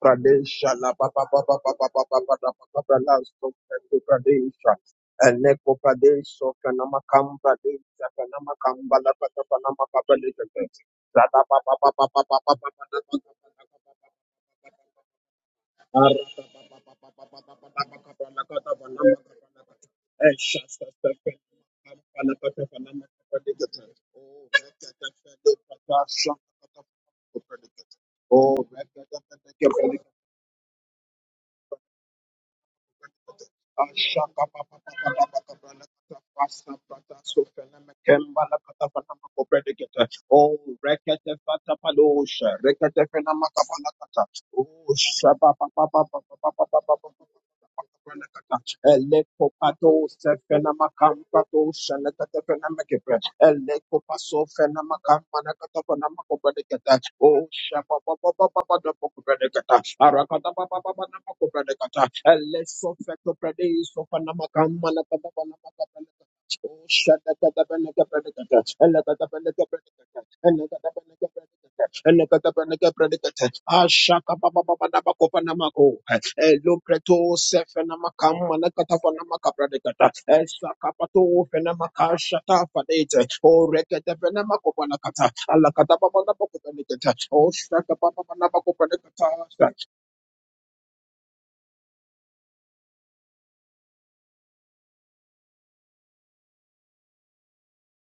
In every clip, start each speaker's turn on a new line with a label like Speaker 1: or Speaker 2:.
Speaker 1: Pradesha la ba ba ba ba ba ba ba ba ba ba ba ba lasto Pradesha Pradesha Eleko Pradesha Panamakam Pradesha Panamakam Bala Pata Panamakam Pradesha Zada ba ba ba ba ba ba ba ba ba ba ba ba ba ba ba ba ba ba. Oh, Ashaka papa papa papa papa lakata pasta pata sofela mekemba lakata pata makopedigeta. Oh, rekete fata palosha, rekete fena makapana kata. Oh, shaba pa pa pa pa pa pa pa pa pa pa pa pa pa pa Eleko paso fena makamba na kata pana makobade kata. O shapa pa pa pa pa pa da makobade kata. Arakata pa pa pa pa na makobade kata. Eleso feto prade iso pana makamba na kata pana makobade Oh,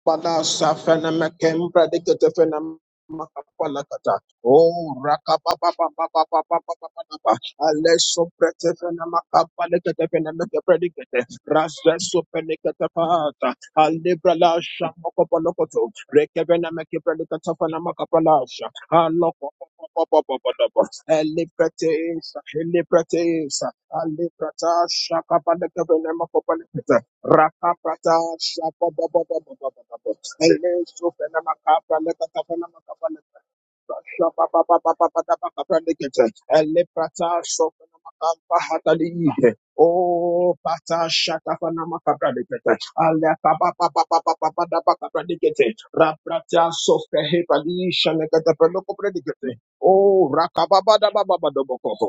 Speaker 1: Balasa feneme kembra dikete feneme makapalakata. Oh, rakapapapapapapapapapapa. Aleso prete feneme kapalekete feneme kepredikete. Raseso penekete pata. Alebra lasha mokopolokoto. Reke feneme kepredikete feneme kapalasha. Alokopopopopopopopopop. Eleprete isa, eleprete isa. Aleprata shakapaleke feneme kopalekete. Rakapata shapa ba ba ba ba ba ba ba ba. Aile sope na makapa leka kapa na makapa leka. Shapa ba ba ba ba ba ba ba kapa lekete. Aile prata sope na makapa hata liihe. Oh, pata shaka fa na makapa lekete. Aile kapa ba ba ba ba ba ba ba ba kapa lekete. Raprata sope he pali shane kete peloko predikete. Oh, rakapa ba ba ba ba ba ba ba ba. ba.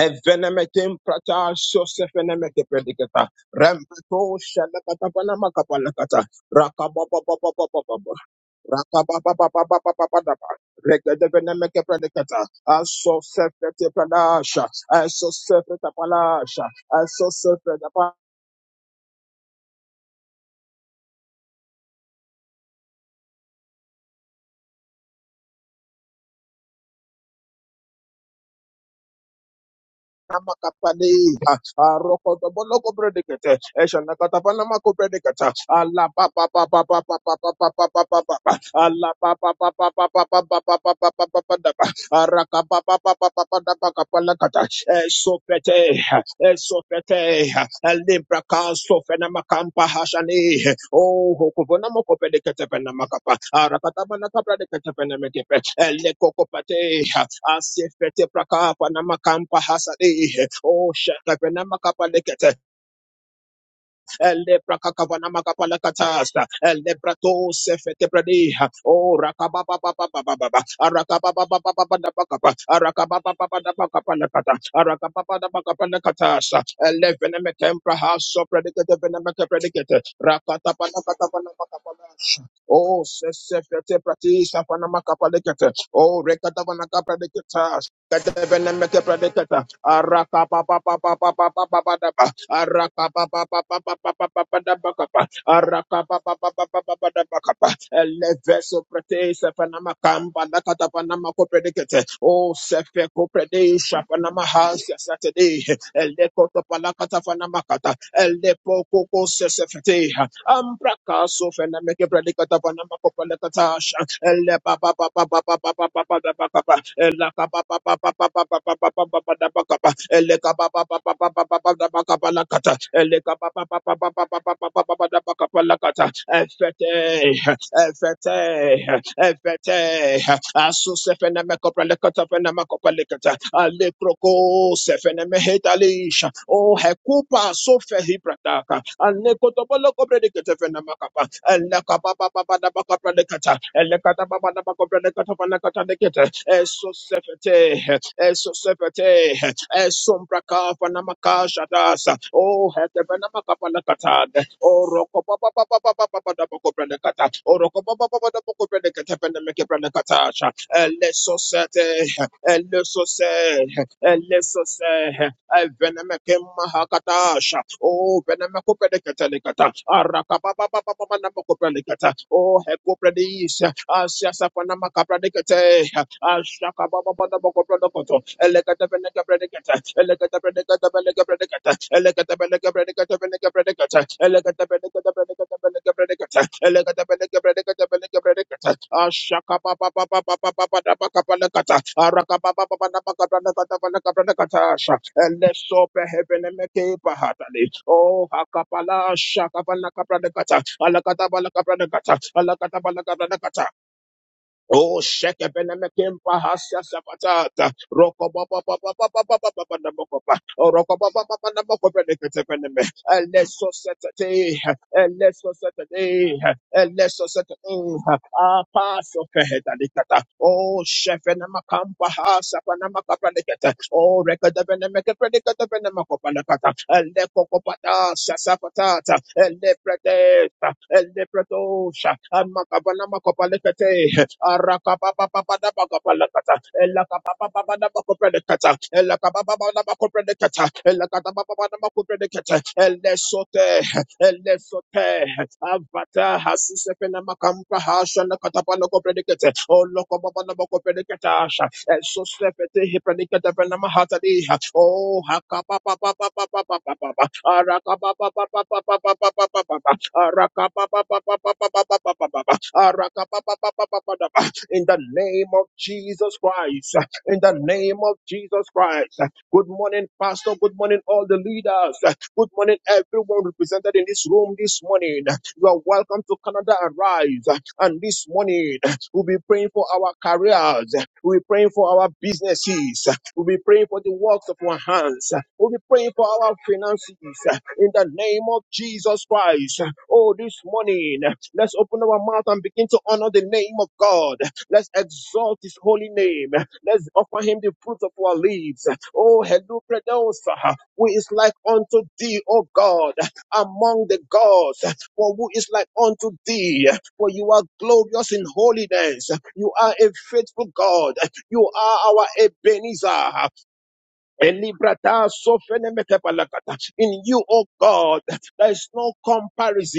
Speaker 1: Evenemetim prata sosefenemete predicata. Rempeto shalakatapana makapalakata. Rakabababababababa. Rakababababababababa. Regedevenemeke predicata. Asosefete pradasha. Asosefete palasha. Aso Makapaniha, a roko to boloko Namakapanea, Arokotobolokopredicate, Eshanakatapanamakopredicator, Alapapapapapapapapapapa, Alapapapapapapapapapapa, Arakapapapapapapapapapakapalakata, Esopete, Esopete, Librakansofenamakampa Hashani, Oh, Hokuvanamoko predicate penamakapa. Hokubonamokopredicatepenamakapa, Arakatabanakapredicate, Elekokopatea, asifete prakapa na makampa hasadi o shaka pena makapa lekete ele prakakapa na makapa lekatasta ele prato sefete pradi o rakaba ba ba ba arakaba ba ba ba arakaba ba ba ba lekata arakaba ba da lekatasta ele pena haso predikete pena meke rakata pa na kata Oh, sesekete prati sapana makapalekete. Oh, rekata vana kapaleketa. Kete bene meke paleketa. Araka pa pa pa pa pa pa pa pa pa da pa. Araka pa pa pa pa pa pa pa pa pa da pa kapa. Araka pa pa pa pa pa pa pa da pa kapa. Eleve so prati sapana makamba da kata pana makopalekete. Oh, sefe kopalekete sapana mahas ya Saturday. Eleko to palakata fana makata. Elepo koko sesefete. Ambraka sofena meke predicata panama copala catasha. Elepa pa pa pa pa pa pa pa pa pa da pa pa. Elaka pa pa pa pa pa pa pa pa pa pa pa da pa pa. Eleka pa pa pa pa pa pa pa pa da pa pa la kata. Eleka pa pa pa pa pa pa pa pa pa pa pa pa da pa pa la kata. Efete, efete, efete asu sefene me kopele kata fene me kopele kata ale kroko sefene me hetalisha o hekupa sofe hiprataka ane kotopolo kopele kata fene me kapa ele kapa pa pa da kopele kata ele kata pa da kopele kata fene kata de eso sefete eso sefete Esombra kapa namaka shadasa. Oh, hetebe namaka palakatade. Oh, roko ba ba ba ba ba ba ba Oh, roko ba ba ba ba da boko prendekata. Penemeke Elesose, Evenemeke Mahakatasha, O Venemecopelicata, Arakababa Namocopelicata, O Hecopredis, Asiasapanamakapradicate, Ashakababa Namocopredicato, Elecata Veneca Predicata, Elecata Predicata Veneca Predicata, Elecata Veneca Predicata Veneca Oh, hakapala Oh, shekebenemekem pahasia sapatata. Roko ba ba ba ba ba ba ba ba ba ba na moko ba. Oh, roko ba ba ba ba na moko ba nekete beneme. Eleso setete. Eleso setete. Eleso setete. Ah, paso feheta likata. Oh, shefenemakam pahasa panamaka predicata. Oh, rekada benemeke predicata benemako panakata. Eleko kopata sasapatata. Eleprete. Eleprete. Amakabana makopalekete. Arakapapapadabakoprelekata. Elakapapapadabakoprelekata. Elakapapapadabakoprelekata. Elakapapapadabakoprelekata. Elesote. Elesote. Avata hasusepena makampa hasha na katapana kopredikete. Oloko babana bako predikete so slepete hipranika dabana mahatali oh hakapa pa pa pa pa pa pa pa pa pa araka pa pa pa pa pa pa pa pa pa pa pa pa araka pa pa pa pa pa pa pa pa pa pa pa araka pa pa pa pa pa pa pa in the name of Jesus Christ in the name of Jesus Christ good morning pastor good morning all the leaders good morning everyone represented in this room this morning you are welcome to Canada Arise and this morning We'll be praying for our careers. We'll be praying for our businesses. We'll be praying for the works of our hands. We'll be praying for our finances. In the name of Jesus Christ. Oh, this morning, let's open our mouth and begin to honor the name of God. Let's exalt his holy name. Let's offer him the fruit of our lips. Oh, hello, Predosa, who is like unto thee, O God, among the gods, for who is like unto thee? for you are glorious in holiness. You are a faithful God. You are our Ebenezer. Elibrata sofene metepalakata. In you, O God, there is no comparison.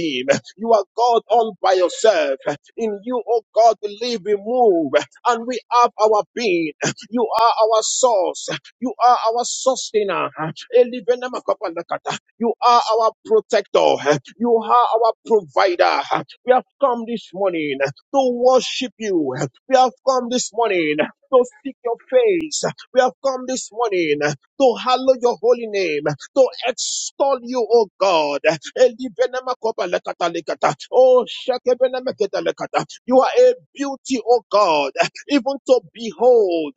Speaker 1: You are God all by yourself. In you, O God, we live, we move, and we have our being. You are our source. You are our sustainer. Elivene makapalakata. You are our protector. You are our provider. We have come this morning to worship you. We have come this morning to seek your face. We have come this morning to hallow your holy name, to extol you, O God. Oh, you are a beauty, O God, even to behold.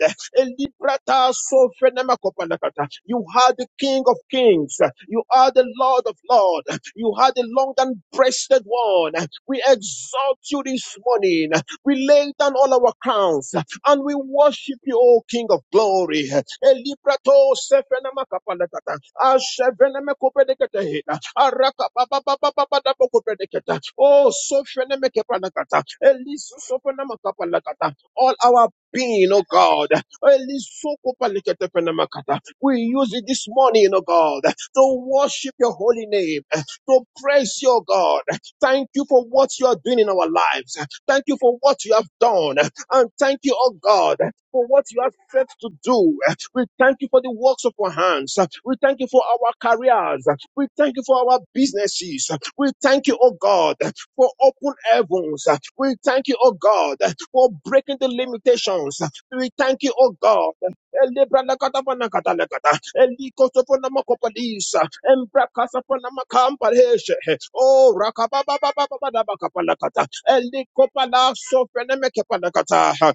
Speaker 1: You are the King of Kings. You are the Lord of Lords. You are the long and breasted one. We exalt you this morning. We lay down all our crowns and we worship you, O King of Glory. Elibrato sefenamakapalakata, ashevenemekopedeketehita, arakapapapapapadapokopedeketea, O sofenemekepalakata, elisosofenamakapalakata. All our being, O God, elisokopaleketefenamakata. we use it this morning, O God, to worship your holy name, to praise your God. Thank you for what you are doing in our lives. Thank you for what you have done. And thank you, oh God, for what you have set to do. We thank you for the works of our hands. We thank you for our careers. We thank you for our businesses. We thank you, oh God, for open heavens. We thank you, oh God, for breaking the limitations. We thank you, oh God. Elebranakatabanakatalekata. Elikosoponamakopadisa. Embrakasaponamakampareshe. Oh, rakabababababababakapalakata. Elikopalasopenemekepanakata.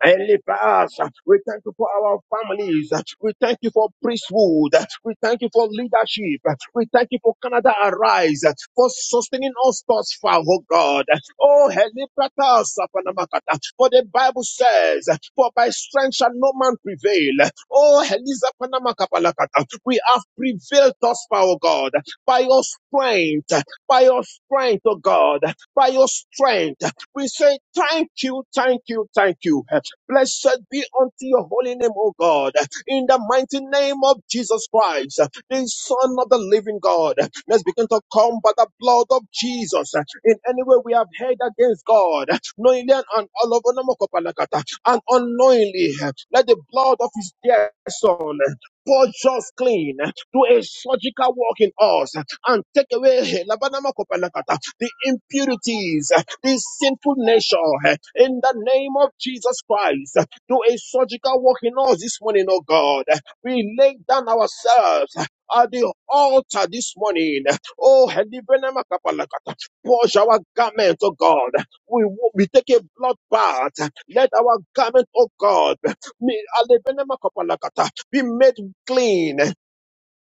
Speaker 1: Heavenly Father, we thank you for our families. We thank you for priesthood. We thank you for leadership. We thank you for Canada Arise for sustaining us thus far, oh God. Oh, Heavenly Father, Sapanamakata, for the Bible says, for by strength shall no man prevail. Oh, Heavenly Sapanamakapalakata, we have prevailed thus far, oh God, by your strength, by your strength, oh God, by your strength. We say thank you, thank you, thank you. Blessed be unto your holy name, O God, in the mighty name of Jesus Christ, the Son of the living God. Let's begin to come by the blood of Jesus. In any way we have heard against God, knowingly and all over Namokopalakata, and unknowingly, let the blood of his dear son purge us clean, do a surgical work in us, and take away Labanamokopalakata, the impurities this sinful nation eh, in the name of Jesus Christ. eh, Do a surgical work in us this morning, oh God. eh. We lay down ourselves eh, at the altar this morning. Oh Oh, Helibenemakapalakata, wash our garment, oh God. We, we take a blood bath. eh. Let our garment, oh God, me- Helibenemakapalakata, be made clean. eh,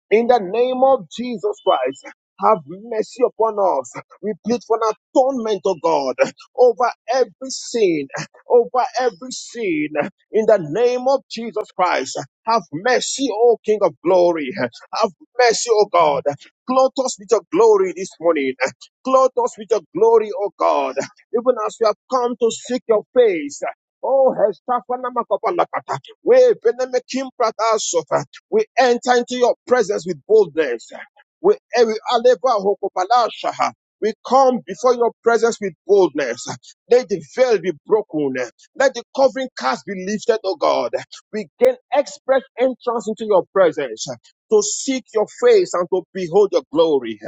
Speaker 1: in the name of Jesus Christ, have mercy upon us. We plead for an atonement, O God, over every sin, over every sin. In the name of Jesus Christ, have mercy, O King of glory. Have mercy, O God. Clothe us with your glory this morning. Clothe us with your glory, O God. Even as we have come to seek your face. Oh, Hestafanamakobalakata. We benemekim pratasof. We enter into your presence with boldness. We, eh, we aleva hokopalasha. We come before your presence with boldness. Let the veil be broken. Let the covering cast be lifted, O God. We gain express entrance into your presence to seek your face and to behold your glory.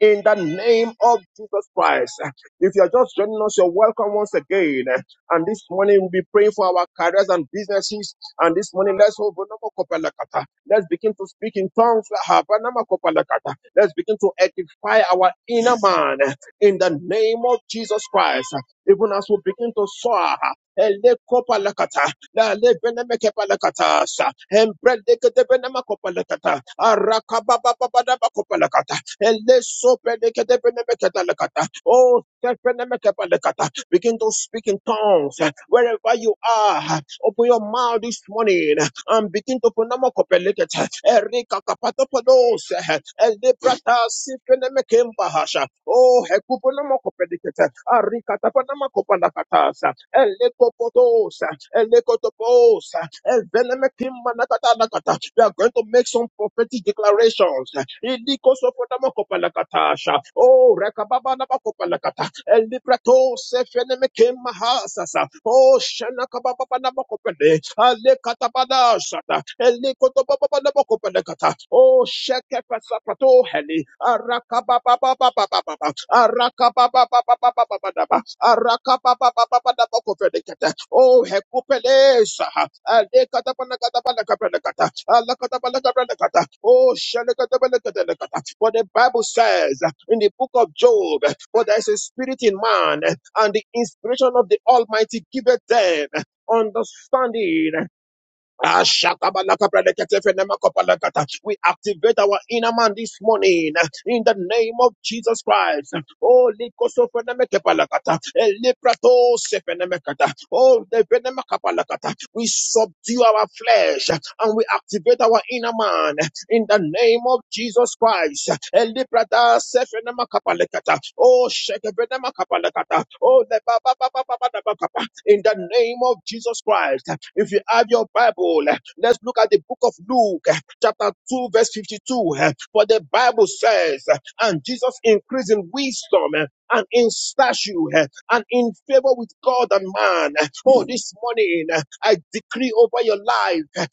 Speaker 1: In the name of Jesus Christ. If you are just joining us, you're welcome once again. And this morning we'll be praying for our careers and businesses and this morning, let's open up our kopalakata. Let's begin to speak in tongues. ah, banama kopalakata. Let's begin to edify our inner man in the name of Jesus Christ. Even as we begin to soar. ele kopalakata, la le beneme kepalakata, sa, embre deke de kete benema kopalakata, arakababababadaba kopalakata, ele sope deke de kete beneme ketalakata. Oh, tepeneme kepalakata. Begin to speak in tongues uh, wherever you are. uh, Open your mouth this morning uh, and begin to phenomenal Erika kapatopodos uh, Elebrata sifenemekembahasha. Oh, hekuponama kopelikete. Arika tapanama kopandakatasa. Elekopotosa. Elekotoposa. Elvenemekimbanakatanakata. We are going to make some prophetic declarations. Ilikosopotamokopalakatasha. Oh, rekababa rekababanamakopalakata. Elibrato sefenemekem mahasasa. Oh, shenakabababababakopede. Alekatabadashata. Elekotobababababakopedekata. Oh, shekefasapato heli. Arakabababababababa. Arakabababababababa. Arakababababababakopedekata. Oh, hekupelesa. Alekatapanakatapanakapedekata. Alakatabalakalakata. Oh, shenakatabalakatalakata. For the Bible says in the book of Job, for there is a spirit in man, and the inspiration of the Almighty giveth them understanding. We activate our inner man this morning uh, in the name of Jesus Christ. Oh, likosofenemekepalakata. Elepratosefenemekata. Oh, defenemakapalakata. we subdue our flesh uh, and we activate our inner man uh, in the name of Jesus Christ. Elipratasefenemakapalakata. Oh, shekefenemakapalakata. Oh, le in the name of Jesus Christ. If you have your Bible, let's look at the book of Luke, chapter 2, verse 52. For the Bible says, and Jesus increased in wisdom and in stature and in favor with God and man. Oh, this morning I decree over your life that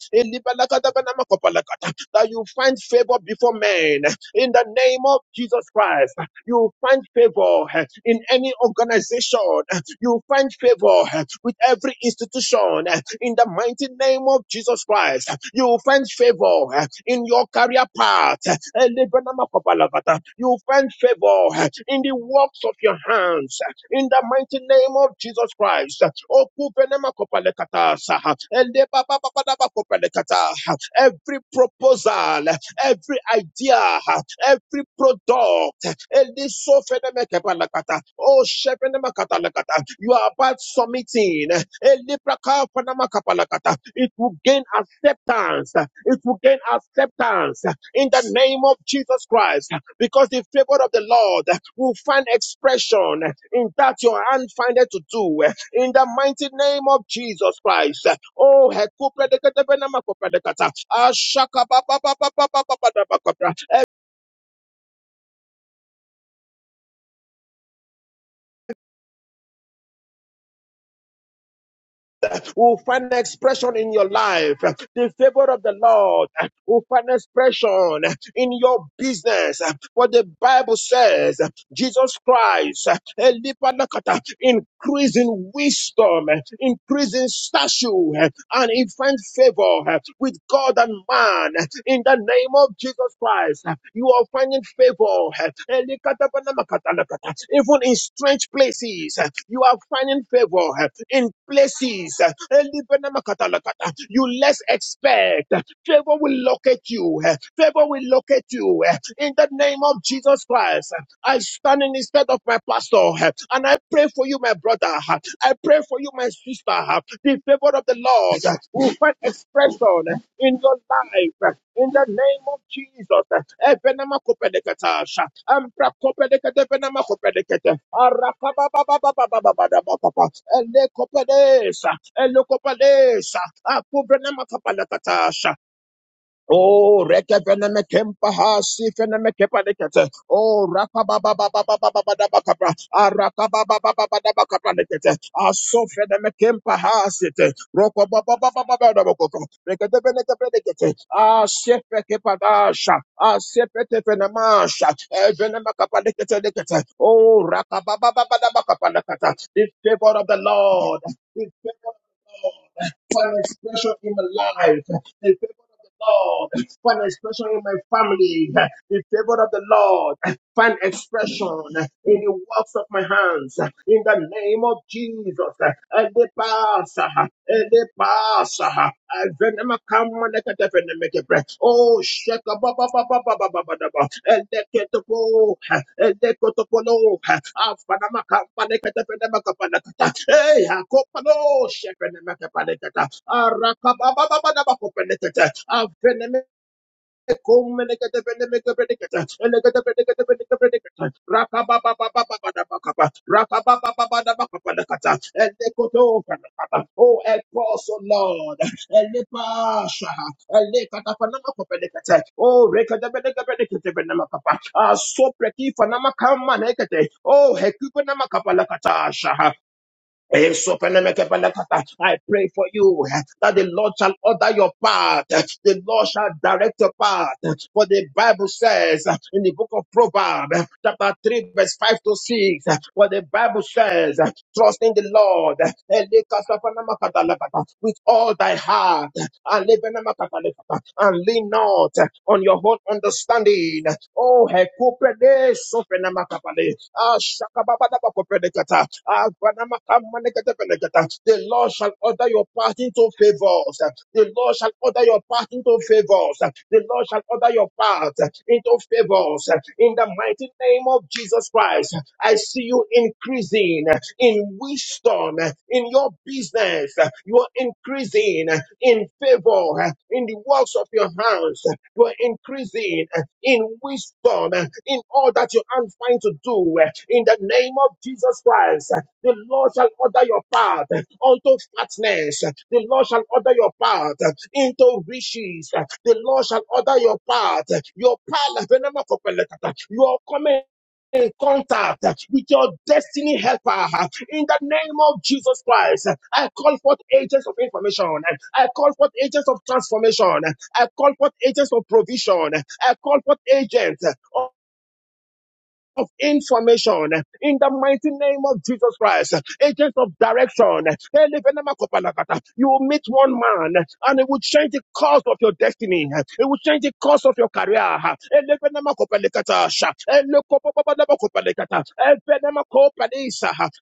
Speaker 1: you find favor before men in the name of Jesus Christ. You find favor in any organization you find favor uh, with every institution uh, in the mighty name of Jesus Christ. You find favor uh, in your career path. You find favor uh, in the works of your hands uh, in the mighty name of Jesus Christ. Every proposal every idea, every product. Eli so Oh, shefeneme You are about submitting. Eli praka It will gain acceptance. It will gain acceptance in the name of Jesus Christ because the favor of the Lord will find expression in that your hand findeth to do eh, in the mighty name of Jesus Christ. Oh, he coped it. He never coped it. He said, "I shaka ba ba ba ba ba ba ba ba ba ba copra." Who find expression in your life? The favor of the Lord. Who find expression in your business? What the Bible says. Jesus Christ, eh, Lipanakata, increase in wisdom, eh, increase in stature, eh, and in find favor eh, with God and man. eh, In the name of Jesus Christ, eh, you are finding favor. eh, eh, Likatapanamakata, Even in strange places, eh, you are finding favor. eh, In places, eh, eh, you less expect. eh, Favor will locate you. eh, Favor will locate you you eh, in the name of Jesus Christ. I stand in the stead of my pastor eh, and I pray for you, my brother. eh, I pray for you, my sister. eh, The favor of the Lord eh, will find expression eh, in your life eh, in the name of Jesus. eh. Ebenema Oh, reke veneme kempa ha si veneme kepa nekete. Oh, raka ba ba ba ba ba ba ba ba da ba kapra. Ah, raka ba ba ba ba ba da ba kapra nekete. Ah, so veneme kempa ha si te. Roko ba ba ba ba ba ba da ba kapra. Rekete vene kepe nekete. Ah, sepe kepa da sha. Ah, sepe te venema sha. Eh, venema kapa nekete nekete. Oh, raka ba ba ba ba da ba kapra nekete. The favor of the Lord. The favor of the Lord for an expression in my life. The favor of the Lord, for an expression in my family. The favor of the Lord, find expression in the works of my hands. In the name of Jesus, I pass. Ele pasa venema kama nekete veneme kebre oh shaka ba ba ba ba ba ba ba ba ba ba ele keto po ele koto polo afana makamba nekete veneme kapa nekata hey akopa no shaka veneme kapa nekata araka ba ba ba ba da ba kopa nekete Oh, help us, O Lord. Oh, so preki fanama kama nekete. Oh, hekupa nama kapa lakatasha. Eh, so I pray for you eh, that the Lord shall order your path. eh, The Lord shall direct your path. eh, For the Bible says eh, in the book of Proverbs, eh, chapter 3, verse 5 to 6, eh, what the Bible says, eh, trust in the Lord eh, with all thy heart and lean not on your own understanding. Oh, hekuprede sofenamakapale. Ah, shakababadabakopredekata. Ah, granamakamanekatepelekata. The Lord shall order your path into favors. The Lord shall order your path into favors. The Lord shall order your path into favors. In the mighty name of Jesus Christ, I see you increasing in wisdom wisdom uh, in your business. uh, You are increasing uh, in favor uh, in the works of your hands. uh, You are increasing uh, in wisdom uh, in all that your hands find to do. uh, In the name of Jesus Christ, uh, the Lord shall order your path uh, unto fatness. uh, The Lord shall order your path uh, into riches. uh, The Lord shall order your path. uh, Your path, your coming in contact with your destiny helper in the name of Jesus Christ. I call forth agents of information. I call forth agents of transformation. I call forth agents of provision. I call forth agents. Of information in the mighty name of Jesus Christ, agents of direction. You will meet one man and it would change the course of your destiny. It would change the course of your career.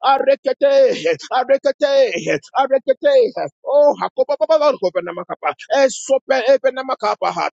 Speaker 1: Arekete, arekete, arekete. Oh, hakopa baba baba kopa namakapa. Esope epe namakapa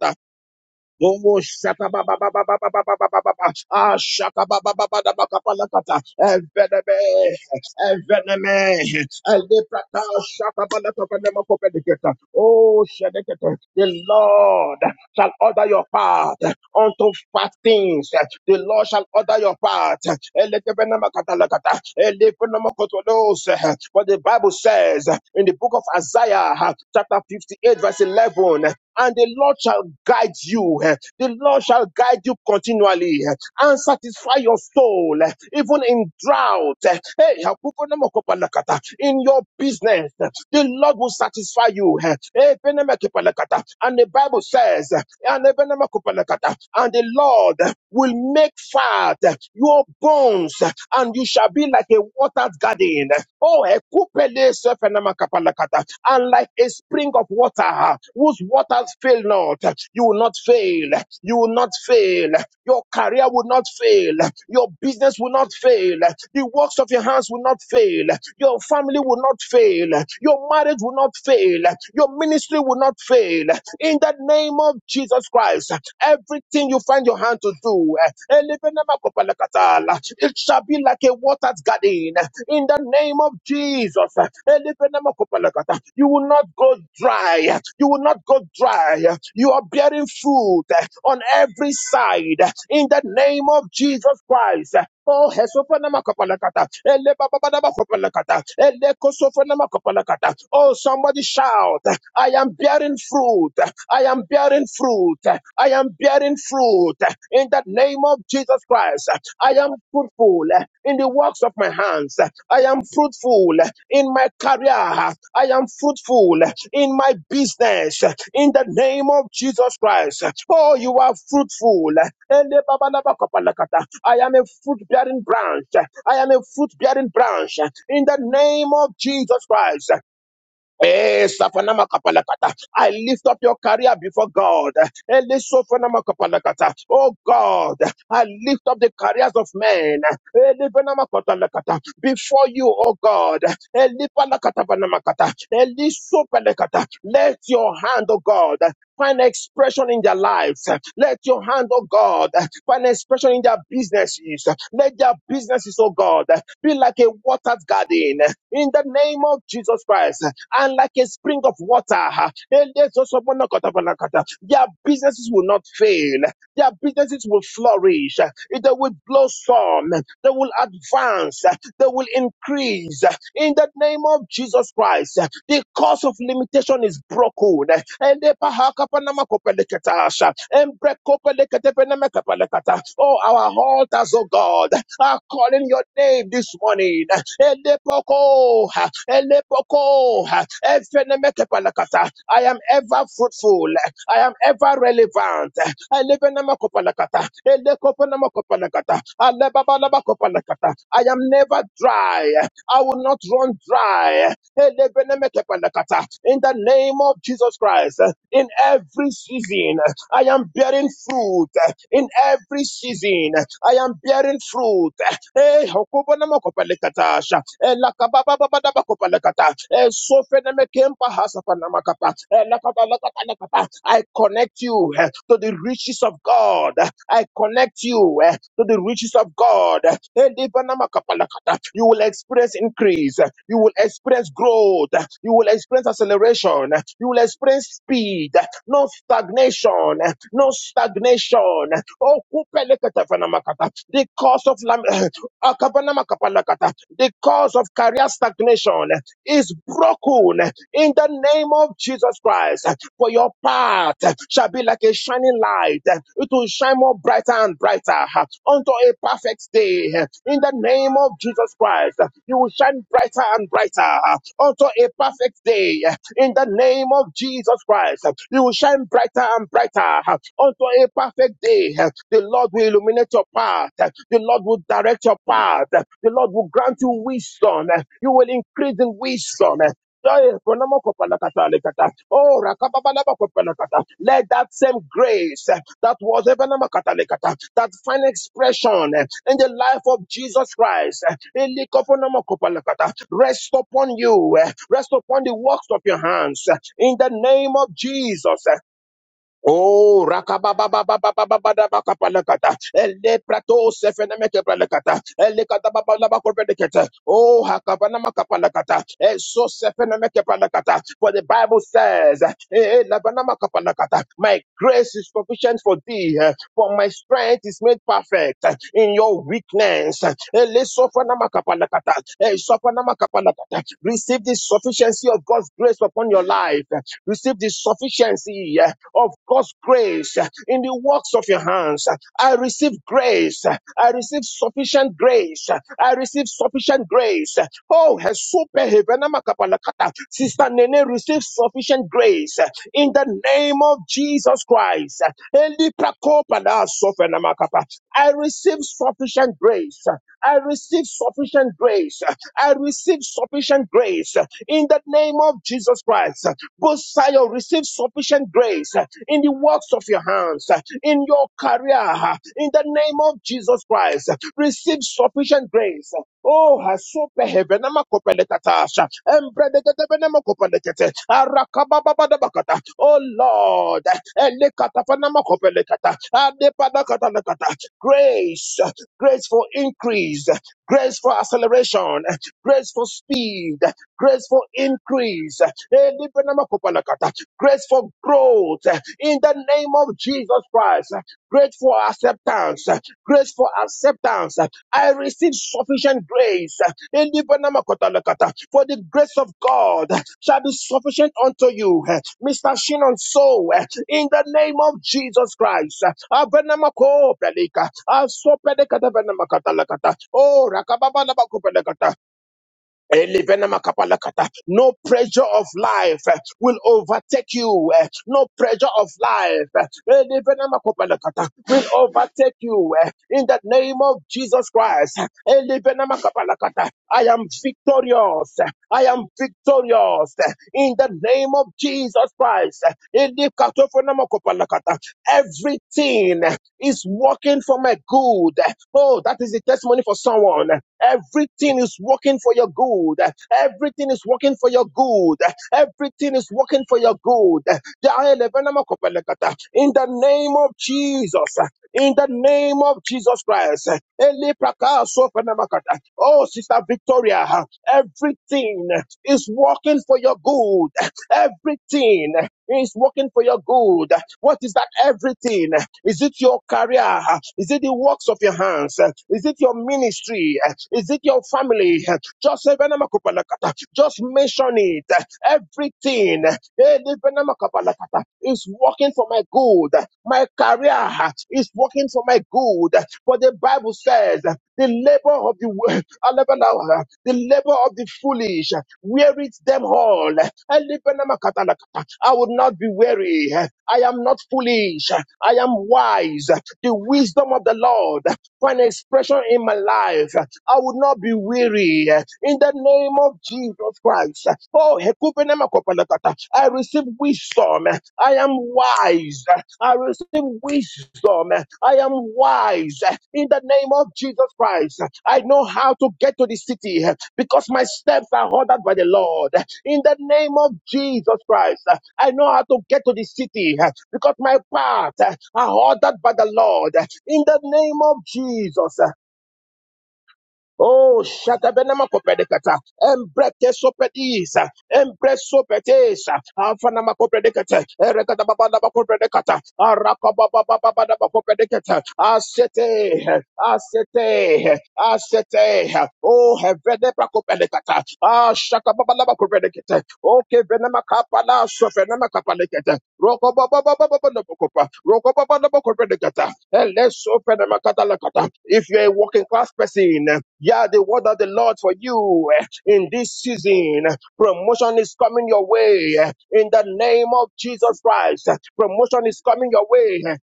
Speaker 1: Oh, shaka ba ba ba ba ba ba ba ba ba ba ba ba. Ah, shaka ba ba ba ba da ba ka pa la ka ta. Enveneme, enveneme. Elebrata, shaka ba la ka pa ne ma ko pe de ke ta. Oh, shedekete. the Lord shall order your path unto fat things. The Lord shall order your path. Elekebene ma ka ta la ka ta. Elepene ma Elekebenamakata-lakata. Elebenamakotolos. For the Bible says in the book of Isaiah, chapter 58, verse 11 and the Lord shall guide you. eh. The Lord shall guide you continually eh, and satisfy your soul, eh, even in drought. eh. Hey, hakukunemakopalakata, in your business, eh, the Lord will satisfy you. eh. Eh, And the Bible says, eh, and the benemekopalakata, and the Lord eh, will make fat eh, your bones, eh, and you shall be like a watered garden. Oh, ekupe Pele sefenema kapalakata. And like a spring of water whose waters fail not, you will not fail. You will not fail. Your career will not fail. Your business will not fail. The works of your hands will not fail. Your family will not fail. Your marriage will not fail. Your ministry will not fail. In the name of Jesus Christ, everything you find your hand to do, eh, it shall be like a watered garden in the name of Jesus. You will not go dry. You will not go dry. You are bearing fruit on every side in the name of Jesus Christ. Oh, hesofanamakabalakata. Elebababadabakabalakata. Elekosofanamakabalakata. Oh, somebody shout, I am bearing fruit. I am bearing fruit. I am bearing fruit. In the name of Jesus Christ, I am fruitful in the works of my hands. I am fruitful in my career. I am fruitful in my business. In the name of Jesus Christ. Oh, you are fruitful. Ele baba laba kapalakata. I am a fruit bearing branch. I am a fruit bearing branch. In the name of Jesus Christ. Eh, Safanama Kapalakata. I lift up your career before God. Ele Sofanama Kapalakata. Oh God, I lift up the careers of men Ele Venama Katalakata. before you, oh God. Ele Palakata Vanama kata. Ele Sopalakata. Let your hand, oh God. Find expression in their lives. Let your hand, oh God, find expression in their businesses. Let their businesses, oh God, be like a watered garden in the name of Jesus Christ and like a spring of water. Their businesses will not fail. Their businesses will flourish. They will blossom. They will advance. They will increase. In the name of Jesus Christ, the cause of limitation is broken. And the pahaka panama kopeleketaasha. And brekopelekete peneme kopeleketa. Oh, our altars, oh God, are calling your name this morning. Elepoko, elepoko, efenemekepalakata. I am ever fruitful. I am ever are relevant. Elevenamakopanakata, elekopanamakopanakata, alebabalabakopanakata. I am never dry. I will not run dry. Elevenemekepanakata. In the name of Jesus Christ, in every season, I am bearing fruit. In every season, I am bearing fruit. Eh, hokubanamakopalekatasha. Eh, lakabababababakopalekata. Eh, sofenemekempahasapanamakapa. Eh, lakabababababakopalekata. I connect you eh, to the riches of God. I connect you eh, to the riches of God. You will experience increase. You will experience growth. You will experience acceleration. You will experience speed. No stagnation. No stagnation. Oh, the cause of lam- akabanamakabalakata. the cause of career stagnation is broken in the name name of Jesus Christ. For your path shall be like a shining light. It will shine more brighter and brighter unto a perfect day. In the name of Jesus Christ, you will shine brighter and brighter unto a perfect day. In the name of Jesus Christ, you will shine brighter and brighter unto a perfect day. The Lord will illuminate your path. The Lord will direct your path. The Lord will grant you wisdom. You will increase in wisdom. Oh, Let that same grace eh, that was even kata le kata, that fine expression eh, in the life of Jesus Christ eh, eli kofonamo kopala kata, rest upon you, eh, rest upon the works of your hands eh, in the name of Jesus. eh. the sufficiency eh, of God's grace eh, in the works of your hands. I receive grace. eh, I receive sufficient grace. eh, I receive sufficient grace. Oh, super Sister Nene, receive sufficient grace eh, in the name of Jesus Christ. I receive sufficient grace. eh, I receive sufficient grace. I receive sufficient grace in the name of Jesus Christ. Go Zion, receive sufficient grace in the works of your hands, in your career, in the name of Jesus Christ. Receive sufficient grace. Oh, hasupe hevenema kopelekatasha. Embredegedevenema kopelekete. Arakabababadabakata. Oh Lord, elekatafanama kopelekata. Adepadakatalakata. grace, grace for increase, grace for acceleration, grace for speed, grace for increase, Elibenema kopelekata. grace for growth in the name of Jesus Christ. Grace for acceptance. Grace for acceptance. I receive sufficient grace. For the grace of God shall be sufficient unto you. Mr. Shinon So, in the name of Jesus Christ. Abenamakopelika. Asopelekatabenamakatalakata. Oh, Elevenamakapalakata. No pressure of life eh, will overtake you. eh. No pressure of life eh, Elevenamakapalakata, will overtake you eh, in the name of Jesus Christ. Elevenamakapalakata. I am victorious. eh, I am victorious eh, in the name of Jesus Christ. Elikatofenamakapalakata. Everything eh, is working for my good. Oh, that is the testimony for someone. Everything is working for your good. Everything is working for your good. Everything is working for your good. In the name of Jesus, in the name of Jesus Christ. Eli praka so Oh, Sister Victoria, everything is working for your good. Everything is working for your good. What is that everything? Is it your career? Is it the works of your hands? Is it your ministry? Is it your family? Just say, "Benama kupalakata." just mention it. Everything. It's working for my good. My career uh, is working for my good. For the Bible says, uh, the labor of the wo- Alebalawa, the labor of the foolish uh, wearies them all. I will not be weary. uh, I am not foolish. uh, I am wise. The wisdom of the Lord uh, for an expression in my life. I would not be weary uh, in the name of Jesus Christ. Oh, hekupenemakopalakata. I receive wisdom. I am wise. I receive wisdom. I am wise uh, in the name name of Jesus Christ, I know how to get to the city eh, because my steps are ordered by the Lord. In the name of Jesus Christ, I know how to get to the city eh, because my path are ordered by the Lord. In the name of Jesus, eh, Oh, shatabenama kopedekata. Embrete sopedisa. Embre sopetesa. Afanama kopedekata. Erekata babana bakopedekata. Araka bababa babana bakopedekata. Asete. Asete. Asete. Oh, hevene bakopedekata. Ah, shaka babana bakopedekata. Okay, venema kapala sofenema kapalekata. Roko bababa babana bakopa. Let's open the them. If you're a working class person, yeah, the word of the Lord for you eh, in this season. Promotion is coming your way eh, in the name of Jesus Christ. Promotion is coming your way. eh,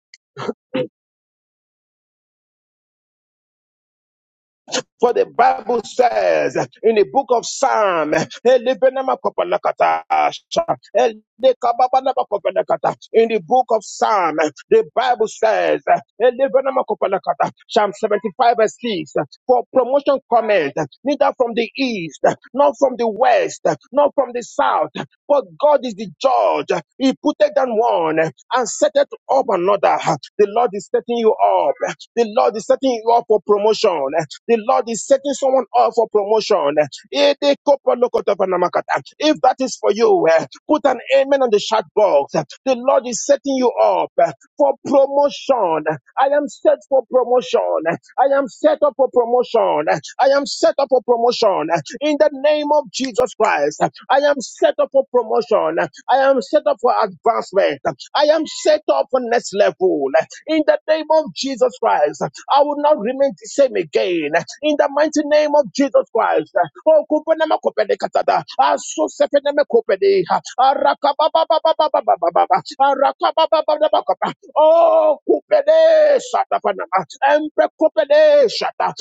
Speaker 1: For the Bible says in the book of Psalm, "Elebenama kopalakata, elekababana kopalakata." in the book of Psalm, the Bible says, "Elebenama kopalakata." Psalm 75 verse 6, for promotion comment, neither from the east, not from the west, not from the south, but God is the judge. He put it down one and set it up another. The Lord is setting you up. The Lord is setting you up for promotion. The Lord is setting someone up for promotion. If that is for you, eh, put an amen on the chat box. The Lord is setting you up eh, for promotion. I am set for promotion. I am set up for promotion. I am set up for promotion. In the name name of Jesus Christ. I am set up for promotion. I am set up for advancement. I am set up for next level. In the name of Jesus Christ, I will not remain the same again. In the mighty name of Jesus Christ. Oh, kupenema kopede katada. Aso sepene kopede. Arakababababababababa. Oh, kupede shata panama. Empe kupede shata.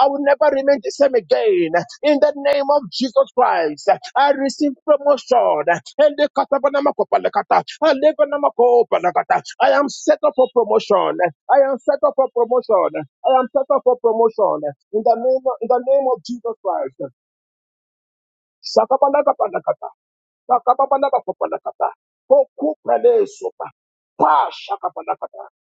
Speaker 1: I will never remain the same again. In the name of Jesus Christ, I receive promotion. Elekatabanamakobalakata. Elebanamakobalakata. I am set up for promotion. I am set up for promotion. I am set up for promotion. In the name of, in the name of Jesus Christ.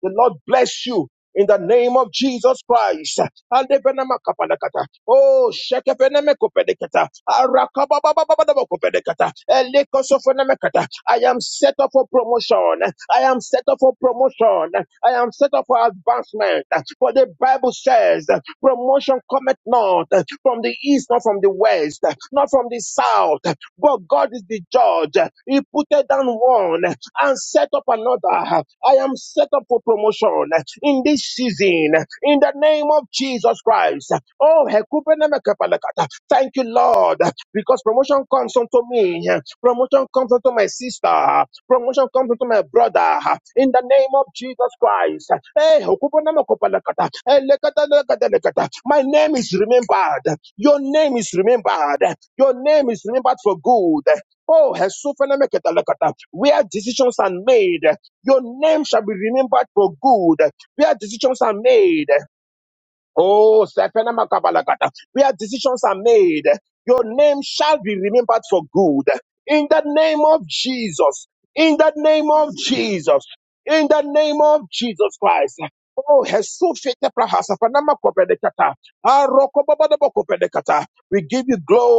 Speaker 1: The Lord bless you in the name of Jesus Christ. Alebenamakapalakata. Oh, shekepenemekopedekata. Arakababababababakopedekata. Elekosofonemekata. I am set up for promotion. I am set up for promotion. I am set up for advancement. For the Bible says, promotion cometh not from the east, not from the west, not from the south. But God is the judge. He put down one and set up another. I am set up for promotion in this season in the name of Jesus Christ. Oh, hekupenemekepelekata. thank you, Lord, because promotion comes unto me. Promotion comes unto my sister. Promotion comes unto my brother. In the name of Jesus Christ. Hey, hekupenemekepelekata. Hey, lekata. lekata, lekata. My name is remembered. Your name is remembered. Your name is remembered for good. Oh, Hesupenemekepelekata. where decisions are made your name shall be remembered for good, where decisions are made. Oh, Sephenamakabalakata, where decisions are made, your name shall be remembered for good. In the name of Jesus, in the name of Jesus, in the name of Jesus Christ. Oh, Jesus, we give you glory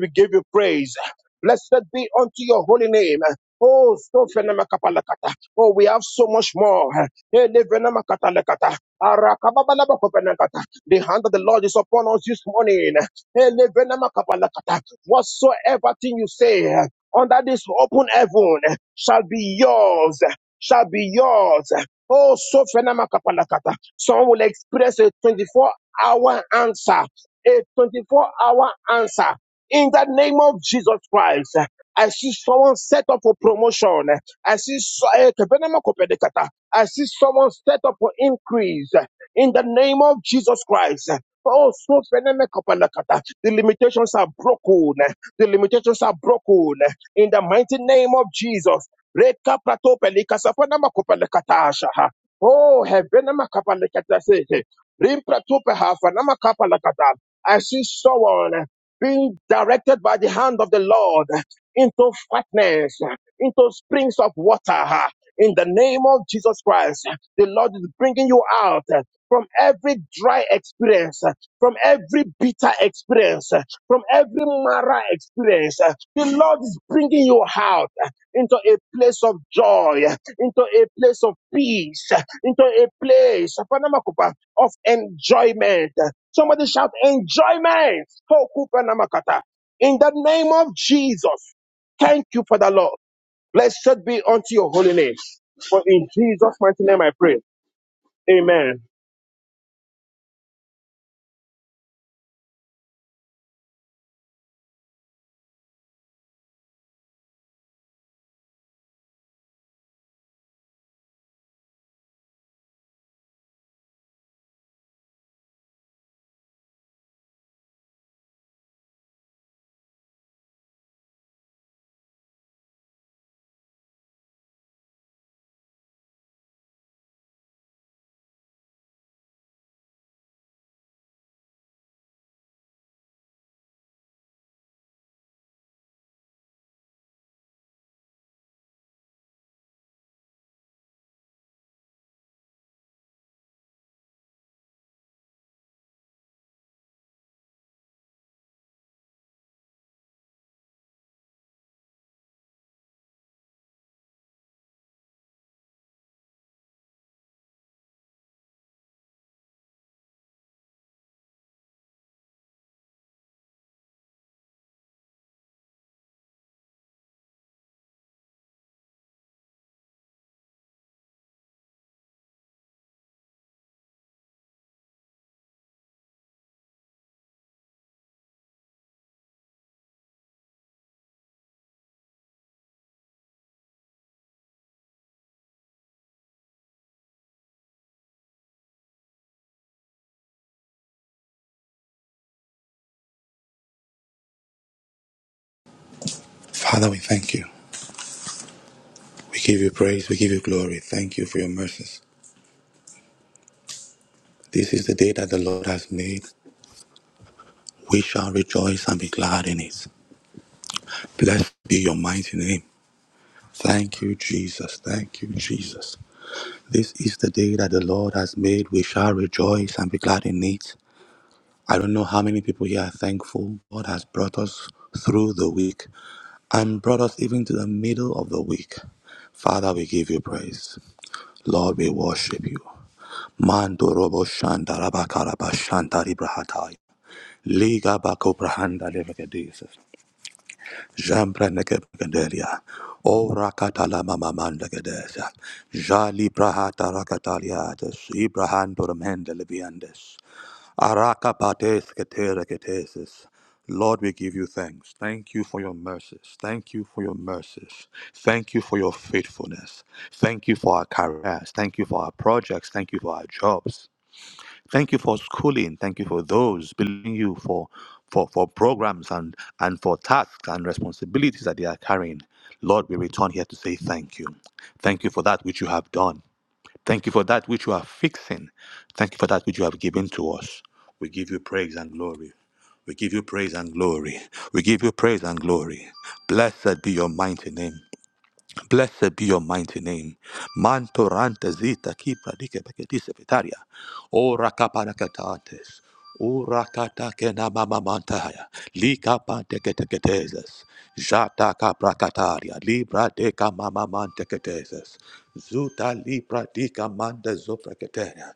Speaker 1: we give you praise. Blessed be unto your holy name. Oh, so fenamakapalakata. Oh, we have so much more. Eh, levenamakatalakata. Arakababalabakopenakata. The hand of the Lord is upon us this morning. Eh, levenamakapalakata. Whatsoever thing you say under this open heaven shall be yours, shall be yours. Oh, so fenamakapalakata. Some will express a 24 hour answer a 24 hour answer in the name of Jesus Christ. I see someone set up for promotion. I see so- eh, kebenema kopedekata. I see someone set up for increase in the name of Jesus Christ. Oh, so feneme kopedekata. the limitations are broken. The limitations are broken in the mighty name of Jesus. Reka prato pelikasa fenema kopedekata ashaha. Oh, hebenema kopedekata se. Rim prato peha fenema kopedekata. I see someone being directed by the hand of the Lord into fatness, into springs of water. In the name of Jesus Christ, the Lord is bringing you out from every dry experience, from every bitter experience, from every mara experience. The Lord is bringing you out into a place of joy, into a place of peace, into a place of enjoyment. Somebody shout enjoyment. Ho, kupa namakata. In the name of Jesus, thank you for the Lord. Blessed be unto your holy name. For in Jesus' mighty name I pray. Amen.
Speaker 2: Father, we thank you. We give you praise. We give you glory. Thank you for your mercies. This is the day that the Lord has made. We shall rejoice and be glad in it. Blessed be your mighty name. Thank you, Jesus. Thank you, Jesus. This is the day that the Lord has made. We shall rejoice and be glad in it. I don't know how many people here are thankful. God has brought us through the week and brought us even to the middle of the week. Father, we give you praise. Lord, we worship you. Mando robo shanda raba karaba shanda Liga bako brahanda levegedesis. Jambra negebegedelia. Ora katala mama manda Jali brahata rakataliates. Ibrahando remende leviandes. Araka pates ketere ketesis. Lord, we give you thanks. Thank you for your mercies. Thank you for your mercies. Thank you for your faithfulness. Thank you for our careers. Thank you for our projects. Thank you for our jobs. Thank you for schooling. Thank you for those building you for for for programs and and for tasks and responsibilities that they are carrying. Lord, we return here to say thank you. Thank you for that which you have done. Thank you for that which you are fixing. Thank you for that which you have given to us. We give you praise and glory. We give you praise and glory. We give you praise and glory. Blessed be your mighty name. Blessed be your mighty name. Mantoranta zita kipra dike beketise vitaria. Ora kapanakatates. Ora katake na mama mantaya. Lika panteketeketeses. Jata kapra kataria. Libra deka mama manteketeses. Zuta libra dika manda zofreketeria.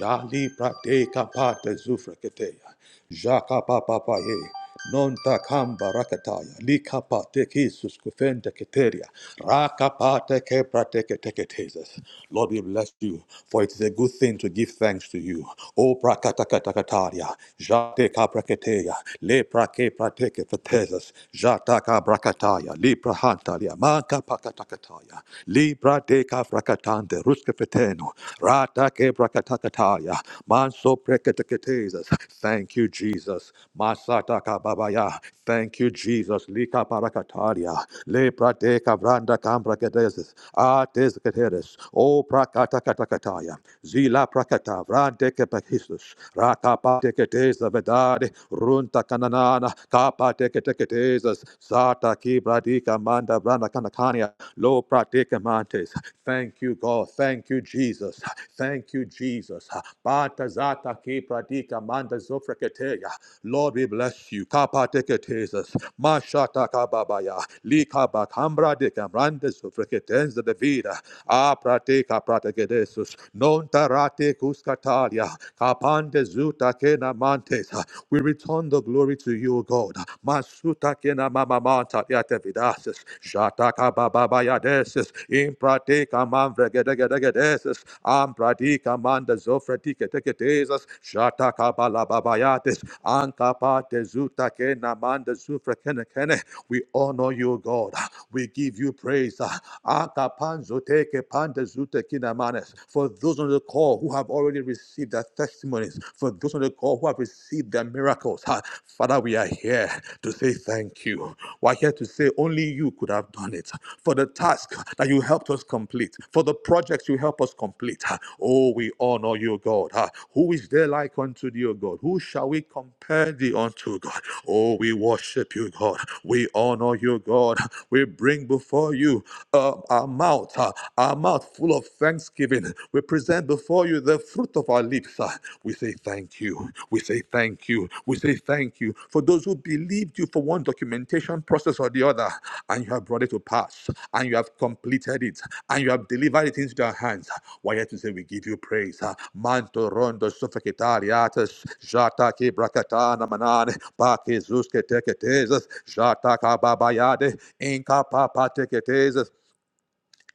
Speaker 2: Ja libra deka pate zofreketeria. Jaka papapaye. Non takamba rakataya, likapa teki suskufente keteria, rakapa teke prateke teke teses. Lord, we bless you, for it is a good thing to give thanks to you. O prakatakatakatarya, jate kapraketeya, le prake prateke feteses, jataka brakataya, li prahantalia, manka pakatakataya, li prateka frakatante, ruske feteno, ratake brakatakataya, Manso preketeketes. Thank you, Jesus. Masata kababaya. Thank you, Jesus. Lika parakataria. Le prateka vranda kambraketes. Ates keteres. O prakata prakatakatakataya. Zila prakata vrande kepahistus. Rakapa teketes vedade. Runta kananana. Kapa teketeketes. Sata kibradika manda vranda kanakania. Lo prateka mantes. Thank you, God. Thank you, Jesus. Thank you, Jesus. Bata zata pradika manda zofreketeya. Lord, we bless you. Kapa teketesis. Mashata kababaya. Lika bakambra dekamrande zofreketenz de vida. A prateka pratekedesus. Non tarate kuskatalia. Kapande zuta kena mantes. We return the glory to you, God. Masuta kena mamamata. Yatavidasis, Shataka Bababayadesis, Impradika Manvregedegedegedesis, Ampradika Manda Zofredike Teketesis, Shataka Balababayatis, Ankapate Zutake Namanda Zufrekenekene. We honor you, God. We give you praise. Akapanzo teke pande zute kinamanes. For those on the call who have already received their testimonies, for those on the call who have received their received their miracles. Ah, Father, we are here to say thank you. We're here to say only you could have done it for the task that you helped us complete, for the projects you help us complete. Ah, Oh, we honor you, God. Ah, Who is there like unto thee, O God? Who shall we compare thee unto, God? Oh, we worship you, God. We honor you, God. We bring before you uh, our mouth, uh, our mouth full of thanksgiving. We present before you the fruit of our lips. Ah, We say thank you. We say thank you. We say thank you for those who believed you for one documentation process or the other, and you have brought it to pass, and you have completed it, and you have delivered it into their hands. Why yet to say we give you praise. Ah, Manto rondo sufficitariatus, jata ke brakatana manane, pake zuske teketezas, jata kababayade, inka papa teketezas,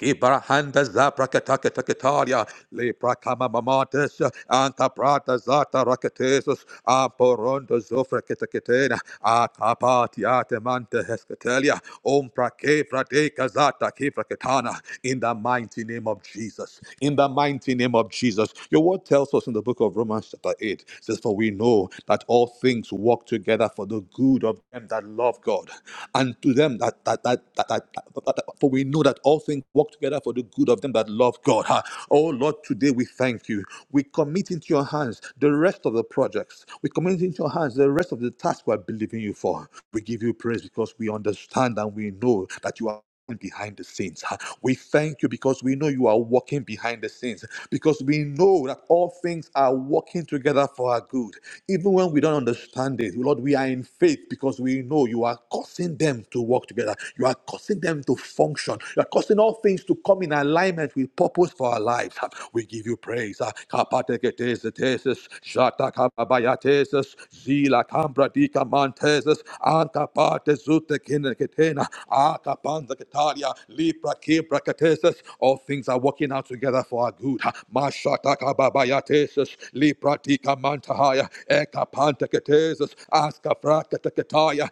Speaker 2: Ibrahanda zabrakataka takataria le prakama mamantes anta prata zata rakatesus aporondo zofraketaketena akapatiate mante hesketelia om prake frate kazata kifraketana in the mighty name of Jesus in the mighty name of Jesus your word tells us in the book of Romans chapter 8 it says for we know that all things work together for the good of them that love God and to them that that that that, that, that, that for we know that all things work together for the good of them that love God. Ah, Oh Lord, today we thank you. We commit into your hands the rest of the projects. We commit into your hands the rest of the tasks we are believing you for. We give you praise because we understand and we know that you are behind the scenes. huh? We thank you because we know you are working behind the scenes, because we know that all things are working together for our good. Even when we don't understand it, Lord, we are in faith because we know you are causing them to work together together. You are causing them to function. You are causing all things to come in alignment with purpose for our lives. Ah, We give you praise. Ah, kapateketeseteses, shatakababayateses, zilakambradikamanteses, ankapatezutekineketena, akapanzaketaria, liprakebrakatesas. All things are working out together for our good. Ah, mashakababayateses, lipratika mantahaya eka panta ketesis aska fraka teketaya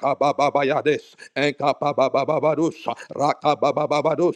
Speaker 2: Rakaka baba Bayades, Enkapa baba Rakatakababayades, baba Rakabababados,